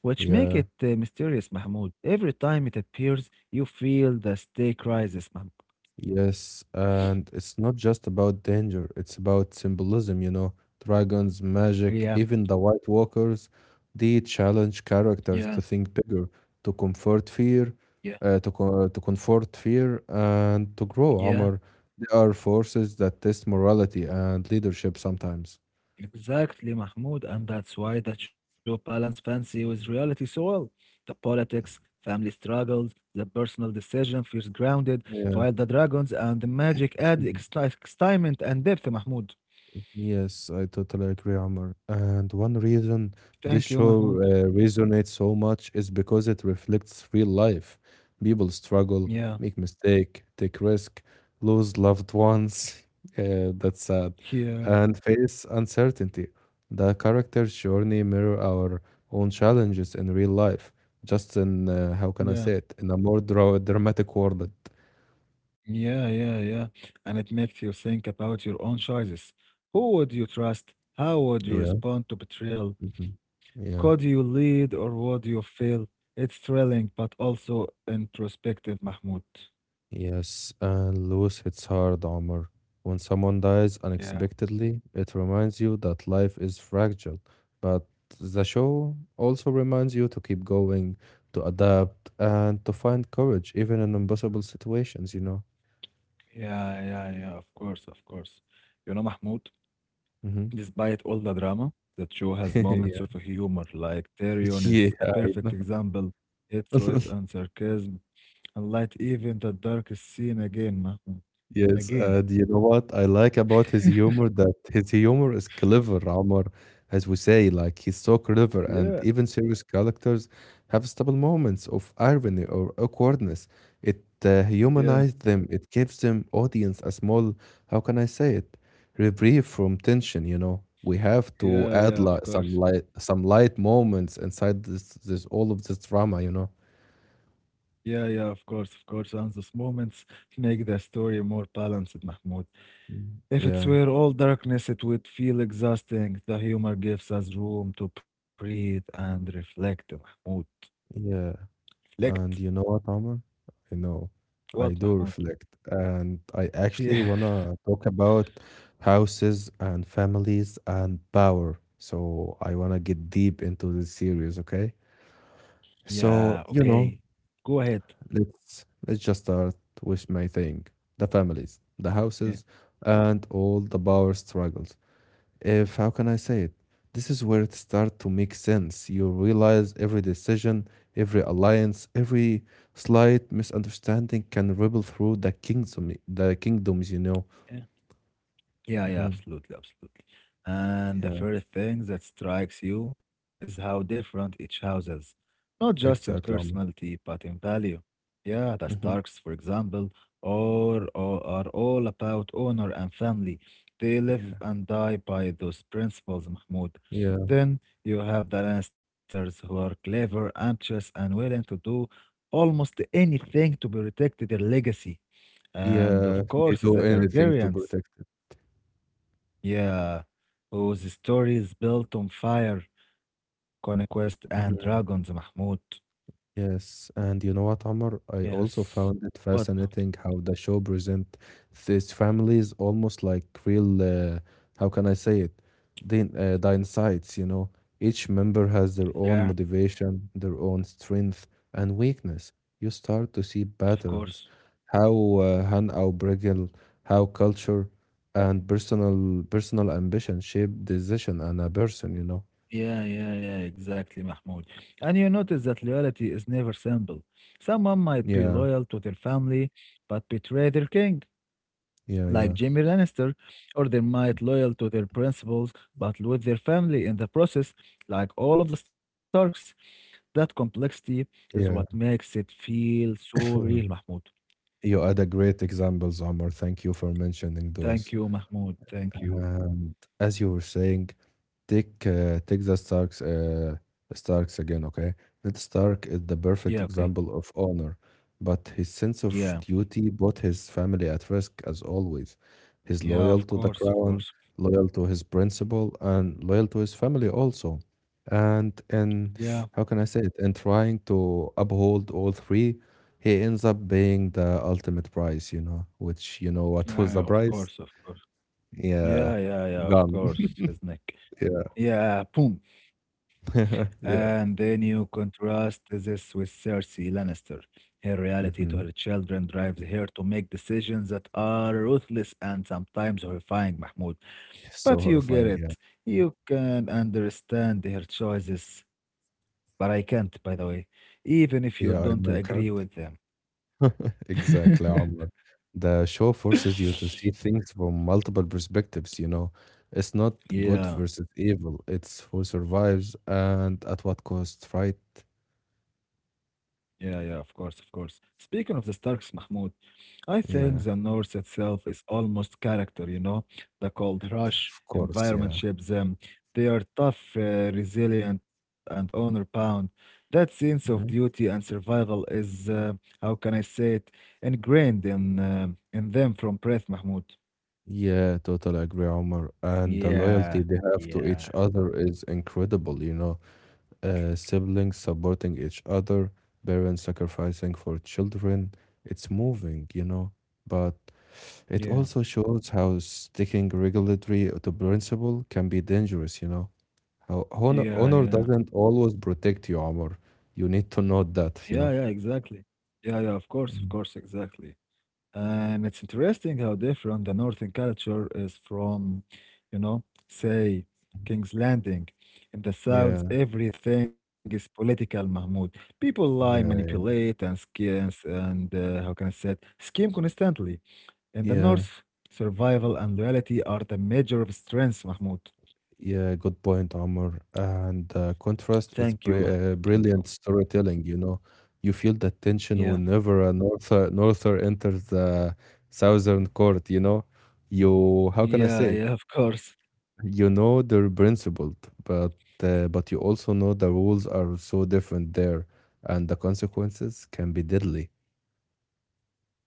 [SPEAKER 2] which make
[SPEAKER 1] Yeah.
[SPEAKER 2] it mysterious, Mahmoud. Every time it appears, you feel the stake rises, Mahmoud.
[SPEAKER 1] Yes, and it's not just about danger, it's about symbolism. Dragons, magic,
[SPEAKER 2] Yeah,
[SPEAKER 1] even the White Walkers, they challenge
[SPEAKER 2] yeah,
[SPEAKER 1] characters to think bigger, to comfort fear,
[SPEAKER 2] yeah,
[SPEAKER 1] and to grow,
[SPEAKER 2] yeah.
[SPEAKER 1] Omar. They are forces that test morality and leadership sometimes.
[SPEAKER 2] Exactly, Mahmoud, and that's why that show balance fancy with reality so well. The politics, family struggles, the personal decision feels grounded,
[SPEAKER 1] Yeah.
[SPEAKER 2] while the dragons and the magic add
[SPEAKER 1] Mm-hmm.
[SPEAKER 2] extra excitement and depth, Mahmoud.
[SPEAKER 1] Yes, I totally agree, Amr. And one reason
[SPEAKER 2] Thank you,
[SPEAKER 1] this
[SPEAKER 2] Mahmoud.
[SPEAKER 1] show resonates so much is because it reflects real life. People struggle,
[SPEAKER 2] Yeah,
[SPEAKER 1] make mistake, take risk, lose loved ones. Yeah, that's sad.
[SPEAKER 2] yeah,
[SPEAKER 1] And face uncertainty. The character's journey mirror our own challenges in real life. Just in, how can
[SPEAKER 2] yeah,
[SPEAKER 1] I say it, in a more dramatic world.
[SPEAKER 2] yeah, yeah, yeah. And it makes you think about your own choices. Who would you trust? How would you
[SPEAKER 1] Yeah.
[SPEAKER 2] respond to betrayal?
[SPEAKER 1] Hmm. Yeah.
[SPEAKER 2] Could you lead or would you fail? It's thrilling, but also introspective, Mahmoud.
[SPEAKER 1] Yes, and loss hits hard, Omar. When someone dies
[SPEAKER 2] Yeah,
[SPEAKER 1] unexpectedly, it reminds you that life is fragile. But the show also reminds you to keep going, to adapt, and to find courage, even in impossible situations, you know?
[SPEAKER 2] yeah, yeah, yeah, of course, of course. You know, Mahmoud,
[SPEAKER 1] Mm-hmm.
[SPEAKER 2] despite all the drama, that show has moments of humor, like Tyrion
[SPEAKER 1] Yeah,
[SPEAKER 2] is a
[SPEAKER 1] yeah, I
[SPEAKER 2] perfect example. It's
[SPEAKER 1] know.
[SPEAKER 2] wit and sarcasm, and light even the darkest scene again, Mahmoud.
[SPEAKER 1] Yes,
[SPEAKER 2] Again.
[SPEAKER 1] and you know what I like about his humor? That his humor is clever, Omar, as we say, like he's so clever,
[SPEAKER 2] Yeah,
[SPEAKER 1] and even serious characters have stable moments of irony or awkwardness. It
[SPEAKER 2] yeah,
[SPEAKER 1] humanizes them, it gives them audience a small, how can I say it, reprieve from tension. We have to
[SPEAKER 2] yeah,
[SPEAKER 1] add
[SPEAKER 2] yeah, of
[SPEAKER 1] like some
[SPEAKER 2] course.
[SPEAKER 1] light some light moments inside this all of this drama,
[SPEAKER 2] Yeah, yeah, of course, of course. And those moments make the story more balanced, Mahmoud.
[SPEAKER 1] Mm,
[SPEAKER 2] If it
[SPEAKER 1] yeah,
[SPEAKER 2] were all darkness, it would feel exhausting. The humor gives us room to breathe and reflect, Mahmoud.
[SPEAKER 1] yeah.
[SPEAKER 2] Reflect?
[SPEAKER 1] And you know what, Omar? I know. I
[SPEAKER 2] What,
[SPEAKER 1] do
[SPEAKER 2] Mahmoud?
[SPEAKER 1] reflect. And I actually
[SPEAKER 2] Yeah.
[SPEAKER 1] want to talk about houses and families and power. So I want to get deep into this series, okay?
[SPEAKER 2] Yeah,
[SPEAKER 1] So,
[SPEAKER 2] okay. Go ahead.
[SPEAKER 1] let's just start with my thing, the families, the
[SPEAKER 2] Yeah.
[SPEAKER 1] houses, and all the power struggles if how can I say it? This is where it starts to make sense. You realize every decision, every alliance, every slight misunderstanding can ripple through the kingdom, the kingdoms.
[SPEAKER 2] Yeah, yeah,
[SPEAKER 1] Hmm.
[SPEAKER 2] absolutely, absolutely. And the
[SPEAKER 1] Yeah,
[SPEAKER 2] first thing that strikes you is how different each house is, not just in
[SPEAKER 1] exactly.
[SPEAKER 2] personality, but in value. Yeah, the
[SPEAKER 1] Hmm.
[SPEAKER 2] Starks, for example, or are all about honor and family. They live
[SPEAKER 1] Yeah,
[SPEAKER 2] and die by those principles, Mahmoud.
[SPEAKER 1] yeah,
[SPEAKER 2] Then you have the Lannisters, who are clever, ambitious, and willing to do almost anything to protect their legacy. And
[SPEAKER 1] yeah.
[SPEAKER 2] of
[SPEAKER 1] They
[SPEAKER 2] course,
[SPEAKER 1] do
[SPEAKER 2] the
[SPEAKER 1] anything to
[SPEAKER 2] Targaryens.
[SPEAKER 1] protect
[SPEAKER 2] Yeah, whose story is built on fire, conquest, and
[SPEAKER 1] it.
[SPEAKER 2] dragons, Mahmoud.
[SPEAKER 1] Yes, and you know what, Amr? I also
[SPEAKER 2] Yes.
[SPEAKER 1] found it
[SPEAKER 2] But
[SPEAKER 1] fascinating how the show present these families almost like real, how can I say it? Din dynasites, Each member has
[SPEAKER 2] yeah,
[SPEAKER 1] their own motivation, their own strength and weakness. You start to see
[SPEAKER 2] of
[SPEAKER 1] patterns,
[SPEAKER 2] course.
[SPEAKER 1] how Han au Brigil, how culture and personal ambition shape decision and a person.
[SPEAKER 2] Yeah, yeah, yeah, exactly, Mahmoud. And you notice that loyalty is never simple. Someone might be
[SPEAKER 1] Yeah,
[SPEAKER 2] loyal to their family, but betray their king,
[SPEAKER 1] yeah, yeah,
[SPEAKER 2] like Jamie Lannister, or they might loyal to their principles, but lose their family in the process, like all of the Starks. That complexity is what
[SPEAKER 1] yeah.
[SPEAKER 2] makes it feel so real, Mahmoud.
[SPEAKER 1] You had a great examples, Omar. Thank you for mentioning
[SPEAKER 2] Thank
[SPEAKER 1] those.
[SPEAKER 2] you, Mahmoud. Thank you.
[SPEAKER 1] And as you were saying, take the Starks again, okay? Ned Stark is the
[SPEAKER 2] Yeah,
[SPEAKER 1] perfect
[SPEAKER 2] okay.
[SPEAKER 1] example of honor, but his sense of
[SPEAKER 2] Yeah,
[SPEAKER 1] duty put his family at risk as always. He's
[SPEAKER 2] yeah,
[SPEAKER 1] loyal
[SPEAKER 2] of
[SPEAKER 1] to the
[SPEAKER 2] course, of
[SPEAKER 1] crown,
[SPEAKER 2] course.
[SPEAKER 1] loyal to his principle, and loyal to his family also. And in
[SPEAKER 2] Yeah,
[SPEAKER 1] how can I say it? In trying to uphold all three, he ends up paying the ultimate price, which you know what was
[SPEAKER 2] yeah,
[SPEAKER 1] the
[SPEAKER 2] of
[SPEAKER 1] price?
[SPEAKER 2] course, of course.
[SPEAKER 1] Yeah,
[SPEAKER 2] Yeah, yeah, yeah, of
[SPEAKER 1] gun.
[SPEAKER 2] course. Isn't.
[SPEAKER 1] Yeah.
[SPEAKER 2] Yeah, boom. And
[SPEAKER 1] Yeah.
[SPEAKER 2] then you contrast this with Cersei Lannister. Her reality to her
[SPEAKER 1] Mhm.
[SPEAKER 2] children drives her to make decisions that are ruthless and sometimes horrifying, Mahmoud.
[SPEAKER 1] So
[SPEAKER 2] But you get
[SPEAKER 1] horrifying, yeah.
[SPEAKER 2] it. You can understand her choices, but I can't, by the way, even if you
[SPEAKER 1] Yeah, I
[SPEAKER 2] don't
[SPEAKER 1] know you can't.
[SPEAKER 2] agree with them.
[SPEAKER 1] Exactly, Omar. The show forces you to see things from multiple perspectives. It's not good
[SPEAKER 2] Yeah,
[SPEAKER 1] versus evil, it's who survives and at what cost, right?
[SPEAKER 2] yeah, yeah, of course, of course. Speaking of the Starks, Mahmoud, I think
[SPEAKER 1] Yeah,
[SPEAKER 2] the North itself is almost character, you know? The cold rush,
[SPEAKER 1] of course,
[SPEAKER 2] environment
[SPEAKER 1] yeah.
[SPEAKER 2] shapes them. They are tough, resilient, and honor bound. That sense of
[SPEAKER 1] Mhm.
[SPEAKER 2] duty and survival is, how can I say it, ingrained in them from birth, Mahmoud.
[SPEAKER 1] Yeah, totally agree, Omar. And the loyalty
[SPEAKER 2] Yeah,
[SPEAKER 1] they have to each
[SPEAKER 2] yeah,
[SPEAKER 1] other is incredible. Siblings supporting each other, parents sacrificing for children. It's moving, but it
[SPEAKER 2] yeah,
[SPEAKER 1] also shows how sticking regulatory to principle can be dangerous, How honor,
[SPEAKER 2] yeah,
[SPEAKER 1] honor
[SPEAKER 2] yeah,
[SPEAKER 1] doesn't always protect you, Omar. You need to know
[SPEAKER 2] yeah,
[SPEAKER 1] that,
[SPEAKER 2] yeah, exactly. Yeah, yeah, of
[SPEAKER 1] Mhm.
[SPEAKER 2] course, exactly. And it's interesting how different the northern culture is from, say, King's Landing. In the south,
[SPEAKER 1] Yeah,
[SPEAKER 2] everything is political, Mahmoud. People lie,
[SPEAKER 1] yeah,
[SPEAKER 2] manipulate, and schemes, and how can I say it? Scheme constantly. In the
[SPEAKER 1] yeah.
[SPEAKER 2] north, survival and loyalty are the major strengths, Mahmoud.
[SPEAKER 1] Yeah, good point, Omar. And contrast is
[SPEAKER 2] Thank
[SPEAKER 1] br
[SPEAKER 2] you, Mahmoud. Thank
[SPEAKER 1] brilliant
[SPEAKER 2] you.
[SPEAKER 1] storytelling, you know. You feel the tension
[SPEAKER 2] Yeah,
[SPEAKER 1] whenever a norther enters the southern court, you know. How can I
[SPEAKER 2] yeah,
[SPEAKER 1] say it?
[SPEAKER 2] yeah, of course.
[SPEAKER 1] You know they're principled, but but you also know the rules are so different there, and the consequences can be deadly.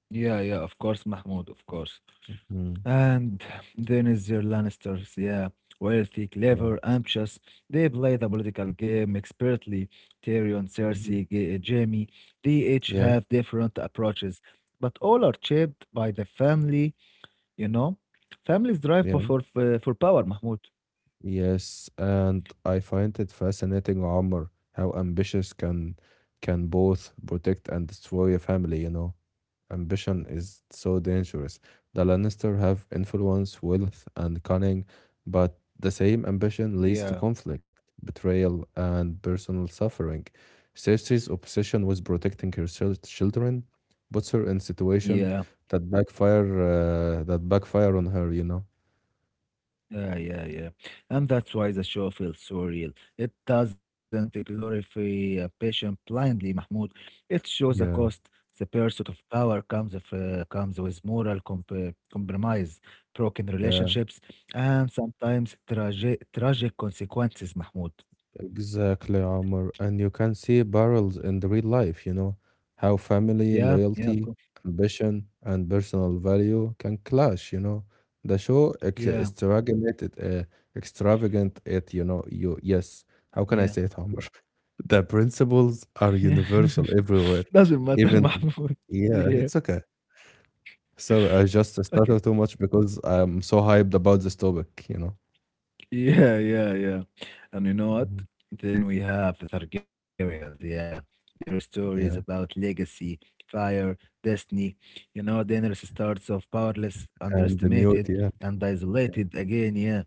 [SPEAKER 2] Yeah, yeah, of course, Mahmoud, of course.
[SPEAKER 1] Mhm.
[SPEAKER 2] And then is their Lannisters, yeah. Wealthy,
[SPEAKER 1] Yeah.
[SPEAKER 2] clever, ambitious. They play the political game expertly. Tyrion,
[SPEAKER 1] Mhm.
[SPEAKER 2] Cersei, Jamie. They each
[SPEAKER 1] Yeah.
[SPEAKER 2] have different approaches, but all are shaped by the family, you know? Families drive for,
[SPEAKER 1] Yeah.
[SPEAKER 2] for, for power, Mahmoud.
[SPEAKER 1] Yes, and I find it fascinating, Omar, how ambitious can both protect and destroy a family, Ambition is so dangerous. The Lannister have influence, wealth, and cunning, but the same ambition leads to
[SPEAKER 2] Yeah,
[SPEAKER 1] conflict, betrayal, and personal suffering. Cersei's obsession with protecting her children puts her in situation
[SPEAKER 2] yeah.
[SPEAKER 1] that backfire that backfire on her,
[SPEAKER 2] Yeah, yeah, yeah. And that's why the show feels so real. It doesn't glorify a patient blindly, Mahmoud. It shows a cost.
[SPEAKER 1] Yeah,
[SPEAKER 2] The pursuit of power comes if, comes with moral compromise, broken
[SPEAKER 1] yeah.
[SPEAKER 2] relationships, and sometimes tragic consequences, Mahmoud.
[SPEAKER 1] Exactly, Omar. And you can see barrels in the real life, how family,
[SPEAKER 2] Yeah, yeah, of
[SPEAKER 1] loyalty,
[SPEAKER 2] course.
[SPEAKER 1] ambition, and personal value can clash, The show ex
[SPEAKER 2] Yeah,
[SPEAKER 1] extravagant, extravagant it, yes. How can I
[SPEAKER 2] yeah,
[SPEAKER 1] say it, Omar? The principles
[SPEAKER 2] yeah.
[SPEAKER 1] are universal everywhere,
[SPEAKER 2] Doesn't matter,
[SPEAKER 1] even,
[SPEAKER 2] Mahmoud.
[SPEAKER 1] yeah,
[SPEAKER 2] Yeah.
[SPEAKER 1] it's okay. So I just
[SPEAKER 2] Okay.
[SPEAKER 1] started too much because I'm so hyped about this topic,
[SPEAKER 2] Yeah, yeah, yeah. And you know what?
[SPEAKER 1] Mhm.
[SPEAKER 2] Then we have the Targaryens. Yeah, their stories about
[SPEAKER 1] Yeah,
[SPEAKER 2] legacy, fire, destiny. You know, Daenerys starts off powerless,
[SPEAKER 1] and the mute,
[SPEAKER 2] underestimated,
[SPEAKER 1] yeah.
[SPEAKER 2] and isolated again. Yeah,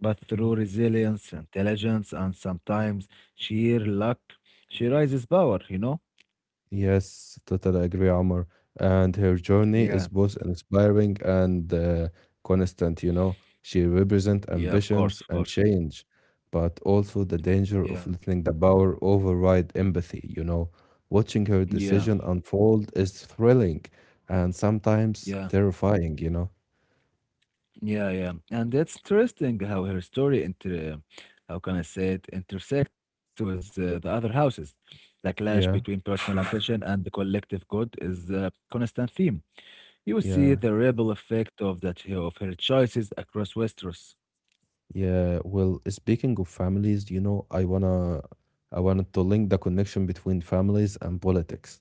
[SPEAKER 2] but through resilience, intelligence, and sometimes sheer luck, she rises power. You know?
[SPEAKER 1] Yes, totally agree, Omar. And her journey is
[SPEAKER 2] Yeah,
[SPEAKER 1] both inspiring and constant, She represents
[SPEAKER 2] yeah. Of course,
[SPEAKER 1] ambitions
[SPEAKER 2] of
[SPEAKER 1] and
[SPEAKER 2] course.
[SPEAKER 1] change, but also the
[SPEAKER 2] Yeah,
[SPEAKER 1] danger of letting the power override empathy, Watching her
[SPEAKER 2] yeah,
[SPEAKER 1] decision unfold is thrilling and sometimes
[SPEAKER 2] yeah.
[SPEAKER 1] terrifying,
[SPEAKER 2] Yeah, yeah, and it's interesting how her story how can I say it, intersects with the other houses. The clash between
[SPEAKER 1] Yeah,
[SPEAKER 2] personal ambition and the collective good is a constant theme. You see
[SPEAKER 1] yeah,
[SPEAKER 2] the ripple effect of her choices across Westeros.
[SPEAKER 1] yeah. Well, speaking of families, I wanted to link the connection between families and politics.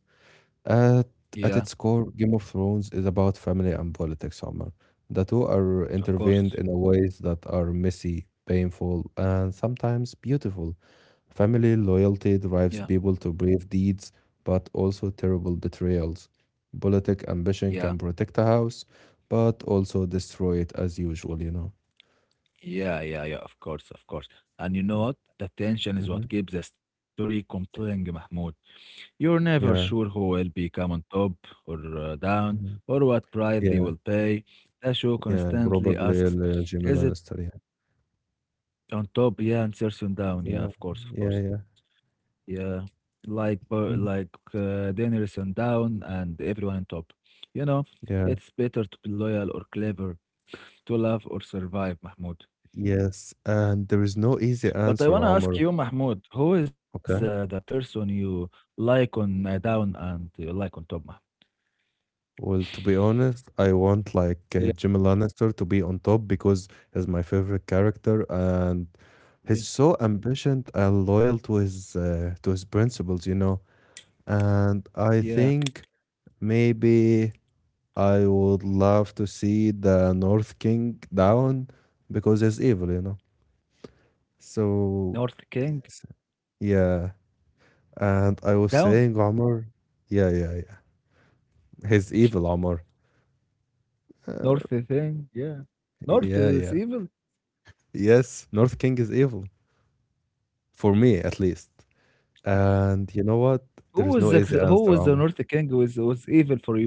[SPEAKER 1] At
[SPEAKER 2] Yeah,
[SPEAKER 1] at its core, Game of Thrones is about family and politics, Omar. The two are
[SPEAKER 2] of
[SPEAKER 1] intervened
[SPEAKER 2] course.
[SPEAKER 1] in a ways that are messy, painful, and sometimes beautiful. Family loyalty
[SPEAKER 2] Yeah,
[SPEAKER 1] drives people to brave deeds, but also terrible betrayals. Politic ambition
[SPEAKER 2] yeah,
[SPEAKER 1] can protect a house, but also destroy it as usual,
[SPEAKER 2] yeah, yeah, yeah. Of course, of course. And you know what? The tension is
[SPEAKER 1] Hmm.
[SPEAKER 2] what keeps the story compelling, Mahmoud. You're never sure
[SPEAKER 1] Yeah.
[SPEAKER 2] who will be come on top or down
[SPEAKER 1] Mhm.
[SPEAKER 2] or what price they
[SPEAKER 1] Yeah,
[SPEAKER 2] will pay. The show
[SPEAKER 1] yeah,
[SPEAKER 2] constantly
[SPEAKER 1] probably
[SPEAKER 2] asks,
[SPEAKER 1] Jamie
[SPEAKER 2] is it
[SPEAKER 1] Lannister. Yeah,
[SPEAKER 2] on top? Yeah, and Cersei down. Yeah,
[SPEAKER 1] yeah,
[SPEAKER 2] of course, of
[SPEAKER 1] yeah,
[SPEAKER 2] course.
[SPEAKER 1] yeah.
[SPEAKER 2] Yeah, like Bar- like
[SPEAKER 1] Mhm.
[SPEAKER 2] uh, Daenerys on down and everyone on top. You know,
[SPEAKER 1] Yeah,
[SPEAKER 2] it's better to be loyal or clever, to love or survive, Mahmoud.
[SPEAKER 1] yes, and there is no easy
[SPEAKER 2] But I
[SPEAKER 1] answer,
[SPEAKER 2] want to ask
[SPEAKER 1] Omar.
[SPEAKER 2] you, Mahmoud, who is the
[SPEAKER 1] Okay.
[SPEAKER 2] person you like on down and you like on top, Mahmoud?
[SPEAKER 1] Well, to be honest, I want like
[SPEAKER 2] Yeah,
[SPEAKER 1] Jimmy Lannister to be on top because he's my favorite character and he's
[SPEAKER 2] yeah,
[SPEAKER 1] so ambitious and loyal to his principles, And I
[SPEAKER 2] yeah.
[SPEAKER 1] think maybe I would love to see the North King down because he's evil, So
[SPEAKER 2] North King
[SPEAKER 1] s- yeah, and I
[SPEAKER 2] down,
[SPEAKER 1] was saying, Omar, yeah, yeah, yeah. He's evil, Omar. Uh,
[SPEAKER 2] North King yeah. North
[SPEAKER 1] yeah,
[SPEAKER 2] is
[SPEAKER 1] yeah.
[SPEAKER 2] evil.
[SPEAKER 1] Yes, North King is evil, for me at least. And you know what?
[SPEAKER 2] Who was the
[SPEAKER 1] There is no
[SPEAKER 2] who
[SPEAKER 1] easy
[SPEAKER 2] was the
[SPEAKER 1] answer,
[SPEAKER 2] North
[SPEAKER 1] Omar.
[SPEAKER 2] King was evil for you?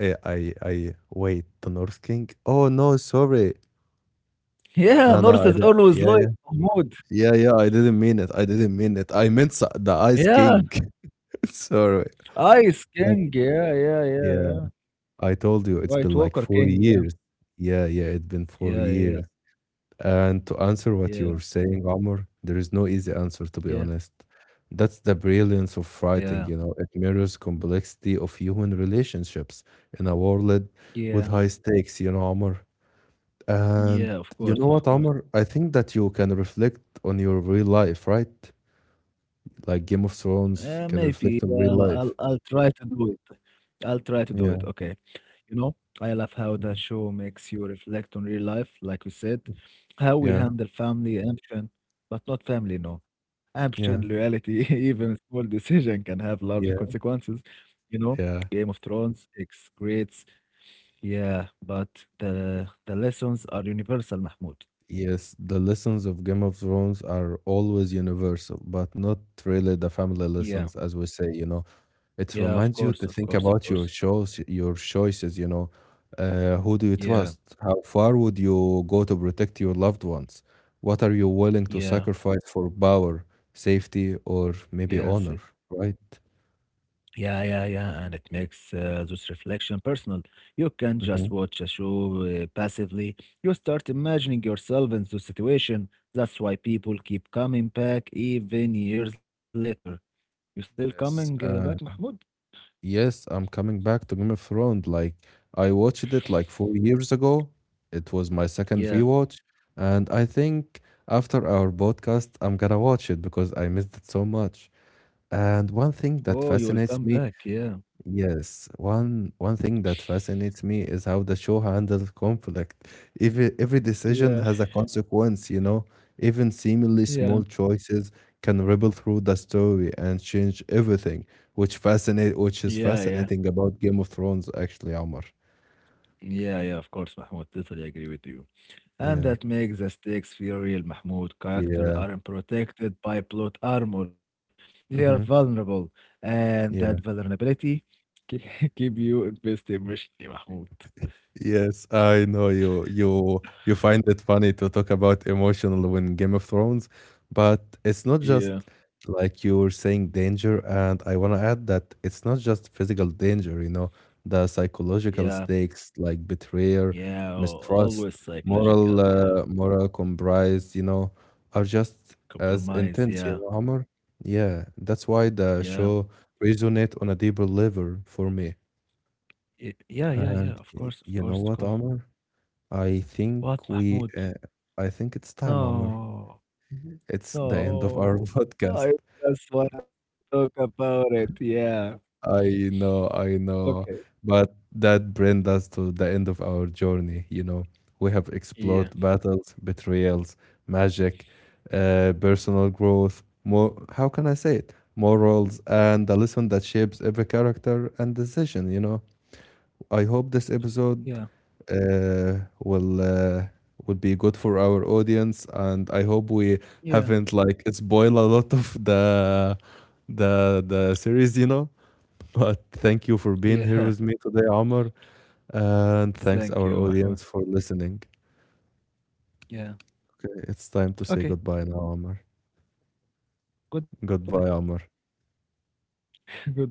[SPEAKER 1] I, wait, the North King? Oh no, sorry.
[SPEAKER 2] Yeah,
[SPEAKER 1] No, no,
[SPEAKER 2] North is always loyal to
[SPEAKER 1] yeah,
[SPEAKER 2] Mahmud.
[SPEAKER 1] yeah, yeah, yeah. I didn't mean it. I didn't mean it. I meant the Ice
[SPEAKER 2] Yeah,
[SPEAKER 1] King. Sorry.
[SPEAKER 2] Ice
[SPEAKER 1] But
[SPEAKER 2] King. Yeah, yeah, yeah,
[SPEAKER 1] yeah,
[SPEAKER 2] yeah.
[SPEAKER 1] I told you it's
[SPEAKER 2] White
[SPEAKER 1] been like
[SPEAKER 2] Walker
[SPEAKER 1] four
[SPEAKER 2] King. Yeah,
[SPEAKER 1] years. Yeah, yeah, it's been four
[SPEAKER 2] yeah, yeah,
[SPEAKER 1] years. And to answer what
[SPEAKER 2] yeah,
[SPEAKER 1] you're saying, Omar, there is no easy answer, to be
[SPEAKER 2] yeah,
[SPEAKER 1] honest. That's the brilliance of
[SPEAKER 2] yeah, yeah,
[SPEAKER 1] writing, it mirrors complexity of human relationships in a world with
[SPEAKER 2] yeah.
[SPEAKER 1] high stakes, Omar. And
[SPEAKER 2] Yeah, of
[SPEAKER 1] you know
[SPEAKER 2] course,
[SPEAKER 1] what,
[SPEAKER 2] of
[SPEAKER 1] Omar?
[SPEAKER 2] course.
[SPEAKER 1] I think that you can reflect on your real life, right? Like Game of Thrones
[SPEAKER 2] Uh,
[SPEAKER 1] can
[SPEAKER 2] maybe
[SPEAKER 1] reflect on real
[SPEAKER 2] I'll
[SPEAKER 1] life.
[SPEAKER 2] I'll try to do it. I'll try to do
[SPEAKER 1] Yeah,
[SPEAKER 2] it. Okay. You know, I love how the show makes you reflect on real life, like we said,
[SPEAKER 1] yeah,
[SPEAKER 2] how we handle family, ambition, but not family, no,
[SPEAKER 1] yeah,
[SPEAKER 2] ambition, loyalty, even small decision can have large
[SPEAKER 1] yeah,
[SPEAKER 2] consequences. You know,
[SPEAKER 1] yeah.
[SPEAKER 2] Game of Thrones, X grades, yeah, but the lessons are universal, Mahmoud.
[SPEAKER 1] Yes, the lessons of Game of Thrones are always universal, but not really the family
[SPEAKER 2] Yeah,
[SPEAKER 1] lessons, as we say,
[SPEAKER 2] yeah,
[SPEAKER 1] It
[SPEAKER 2] of
[SPEAKER 1] reminds
[SPEAKER 2] course,
[SPEAKER 1] you
[SPEAKER 2] of
[SPEAKER 1] to
[SPEAKER 2] course,
[SPEAKER 1] think
[SPEAKER 2] of
[SPEAKER 1] about
[SPEAKER 2] course.
[SPEAKER 1] your shows, your choices, Who do you
[SPEAKER 2] Yeah,
[SPEAKER 1] trust? How far would you go to protect your loved ones? What are you willing to
[SPEAKER 2] yeah,
[SPEAKER 1] sacrifice for power, safety, or maybe
[SPEAKER 2] yes.
[SPEAKER 1] honor, right?
[SPEAKER 2] Yeah, yeah, yeah, and it makes this reflection personal. You can just
[SPEAKER 1] Hmm.
[SPEAKER 2] watch a show passively. You start imagining yourself in the situation. That's why people keep coming back even years later. You still coming
[SPEAKER 1] Yes.
[SPEAKER 2] back, Mahmoud?
[SPEAKER 1] Yes, I'm coming back to Game of Thrones. Like I watched it like 4 years ago. It was my second
[SPEAKER 2] Yeah.
[SPEAKER 1] rewatch, and I think after our podcast, I'm gonna watch it because I missed it so much. And one
[SPEAKER 2] Oh,
[SPEAKER 1] thing
[SPEAKER 2] you
[SPEAKER 1] that
[SPEAKER 2] will come
[SPEAKER 1] fascinates
[SPEAKER 2] back.
[SPEAKER 1] me
[SPEAKER 2] Yeah.
[SPEAKER 1] Yes, one thing that fascinates me is how the show handles conflict. Every decision
[SPEAKER 2] Yeah.
[SPEAKER 1] has a consequence, Even seemingly small
[SPEAKER 2] Yeah.
[SPEAKER 1] choices can ripple through the story and change everything, which is
[SPEAKER 2] Yeah, yeah.
[SPEAKER 1] fascinating about Game of Thrones actually, Omar.
[SPEAKER 2] Yeah, yeah, of course, Mahmoud. Totally agree with you. And
[SPEAKER 1] Yeah.
[SPEAKER 2] that makes the stakes feel real, Mahmoud. Characters
[SPEAKER 1] Yeah.
[SPEAKER 2] aren't protected by plot armor. They are
[SPEAKER 1] Mm-hmm.
[SPEAKER 2] vulnerable. And that vulnerability ke- keep you invested emotionally, Mahmoud.
[SPEAKER 1] Yes, I know you find it funny to talk about emotional when Game of Thrones, but it's not just
[SPEAKER 2] Yeah.
[SPEAKER 1] like you were saying danger, and I want to add that it's not just physical danger, the psychological
[SPEAKER 2] Yeah,
[SPEAKER 1] stakes like betrayal,
[SPEAKER 2] yeah,
[SPEAKER 1] mistrust,
[SPEAKER 2] always
[SPEAKER 1] moral
[SPEAKER 2] psychological, yeah.
[SPEAKER 1] uh, moral compromise, are just as
[SPEAKER 2] Compromise,
[SPEAKER 1] intense,
[SPEAKER 2] yeah,
[SPEAKER 1] Amr. Yeah, that's why
[SPEAKER 2] yeah.
[SPEAKER 1] the show resonate on a deeper level for me.
[SPEAKER 2] Yeah, yeah, yeah,
[SPEAKER 1] And
[SPEAKER 2] of course, of
[SPEAKER 1] you know
[SPEAKER 2] course, of
[SPEAKER 1] what,
[SPEAKER 2] course.
[SPEAKER 1] Amr? I
[SPEAKER 2] What,
[SPEAKER 1] think we,
[SPEAKER 2] Mahmoud?
[SPEAKER 1] uh, I think it's time, Amr.
[SPEAKER 2] No,
[SPEAKER 1] It's the end of our
[SPEAKER 2] no.
[SPEAKER 1] podcast.
[SPEAKER 2] I just wanna talk about it, yeah.
[SPEAKER 1] I
[SPEAKER 2] Okay.
[SPEAKER 1] know, but that brings us to the end of our journey. We have
[SPEAKER 2] Yeah,
[SPEAKER 1] explored battles, betrayals, magic, personal growth, how can I say it? Morals and the lesson that shapes every character and decision, I hope this episode
[SPEAKER 2] yeah,
[SPEAKER 1] uh, will uh, will be good for our audience, and I hope we
[SPEAKER 2] yeah.
[SPEAKER 1] haven't like spoil a lot of the series, But thank you for being
[SPEAKER 2] Yeah.
[SPEAKER 1] here with me today, Amr, and thanks
[SPEAKER 2] Thank
[SPEAKER 1] our
[SPEAKER 2] you, Mahmoud.
[SPEAKER 1] audience for listening.
[SPEAKER 2] Yeah.
[SPEAKER 1] Okay, it's time to say
[SPEAKER 2] Okay.
[SPEAKER 1] goodbye now, Amr.
[SPEAKER 2] Goodbye.
[SPEAKER 1] Goodbye, Amr.
[SPEAKER 2] Goodbye.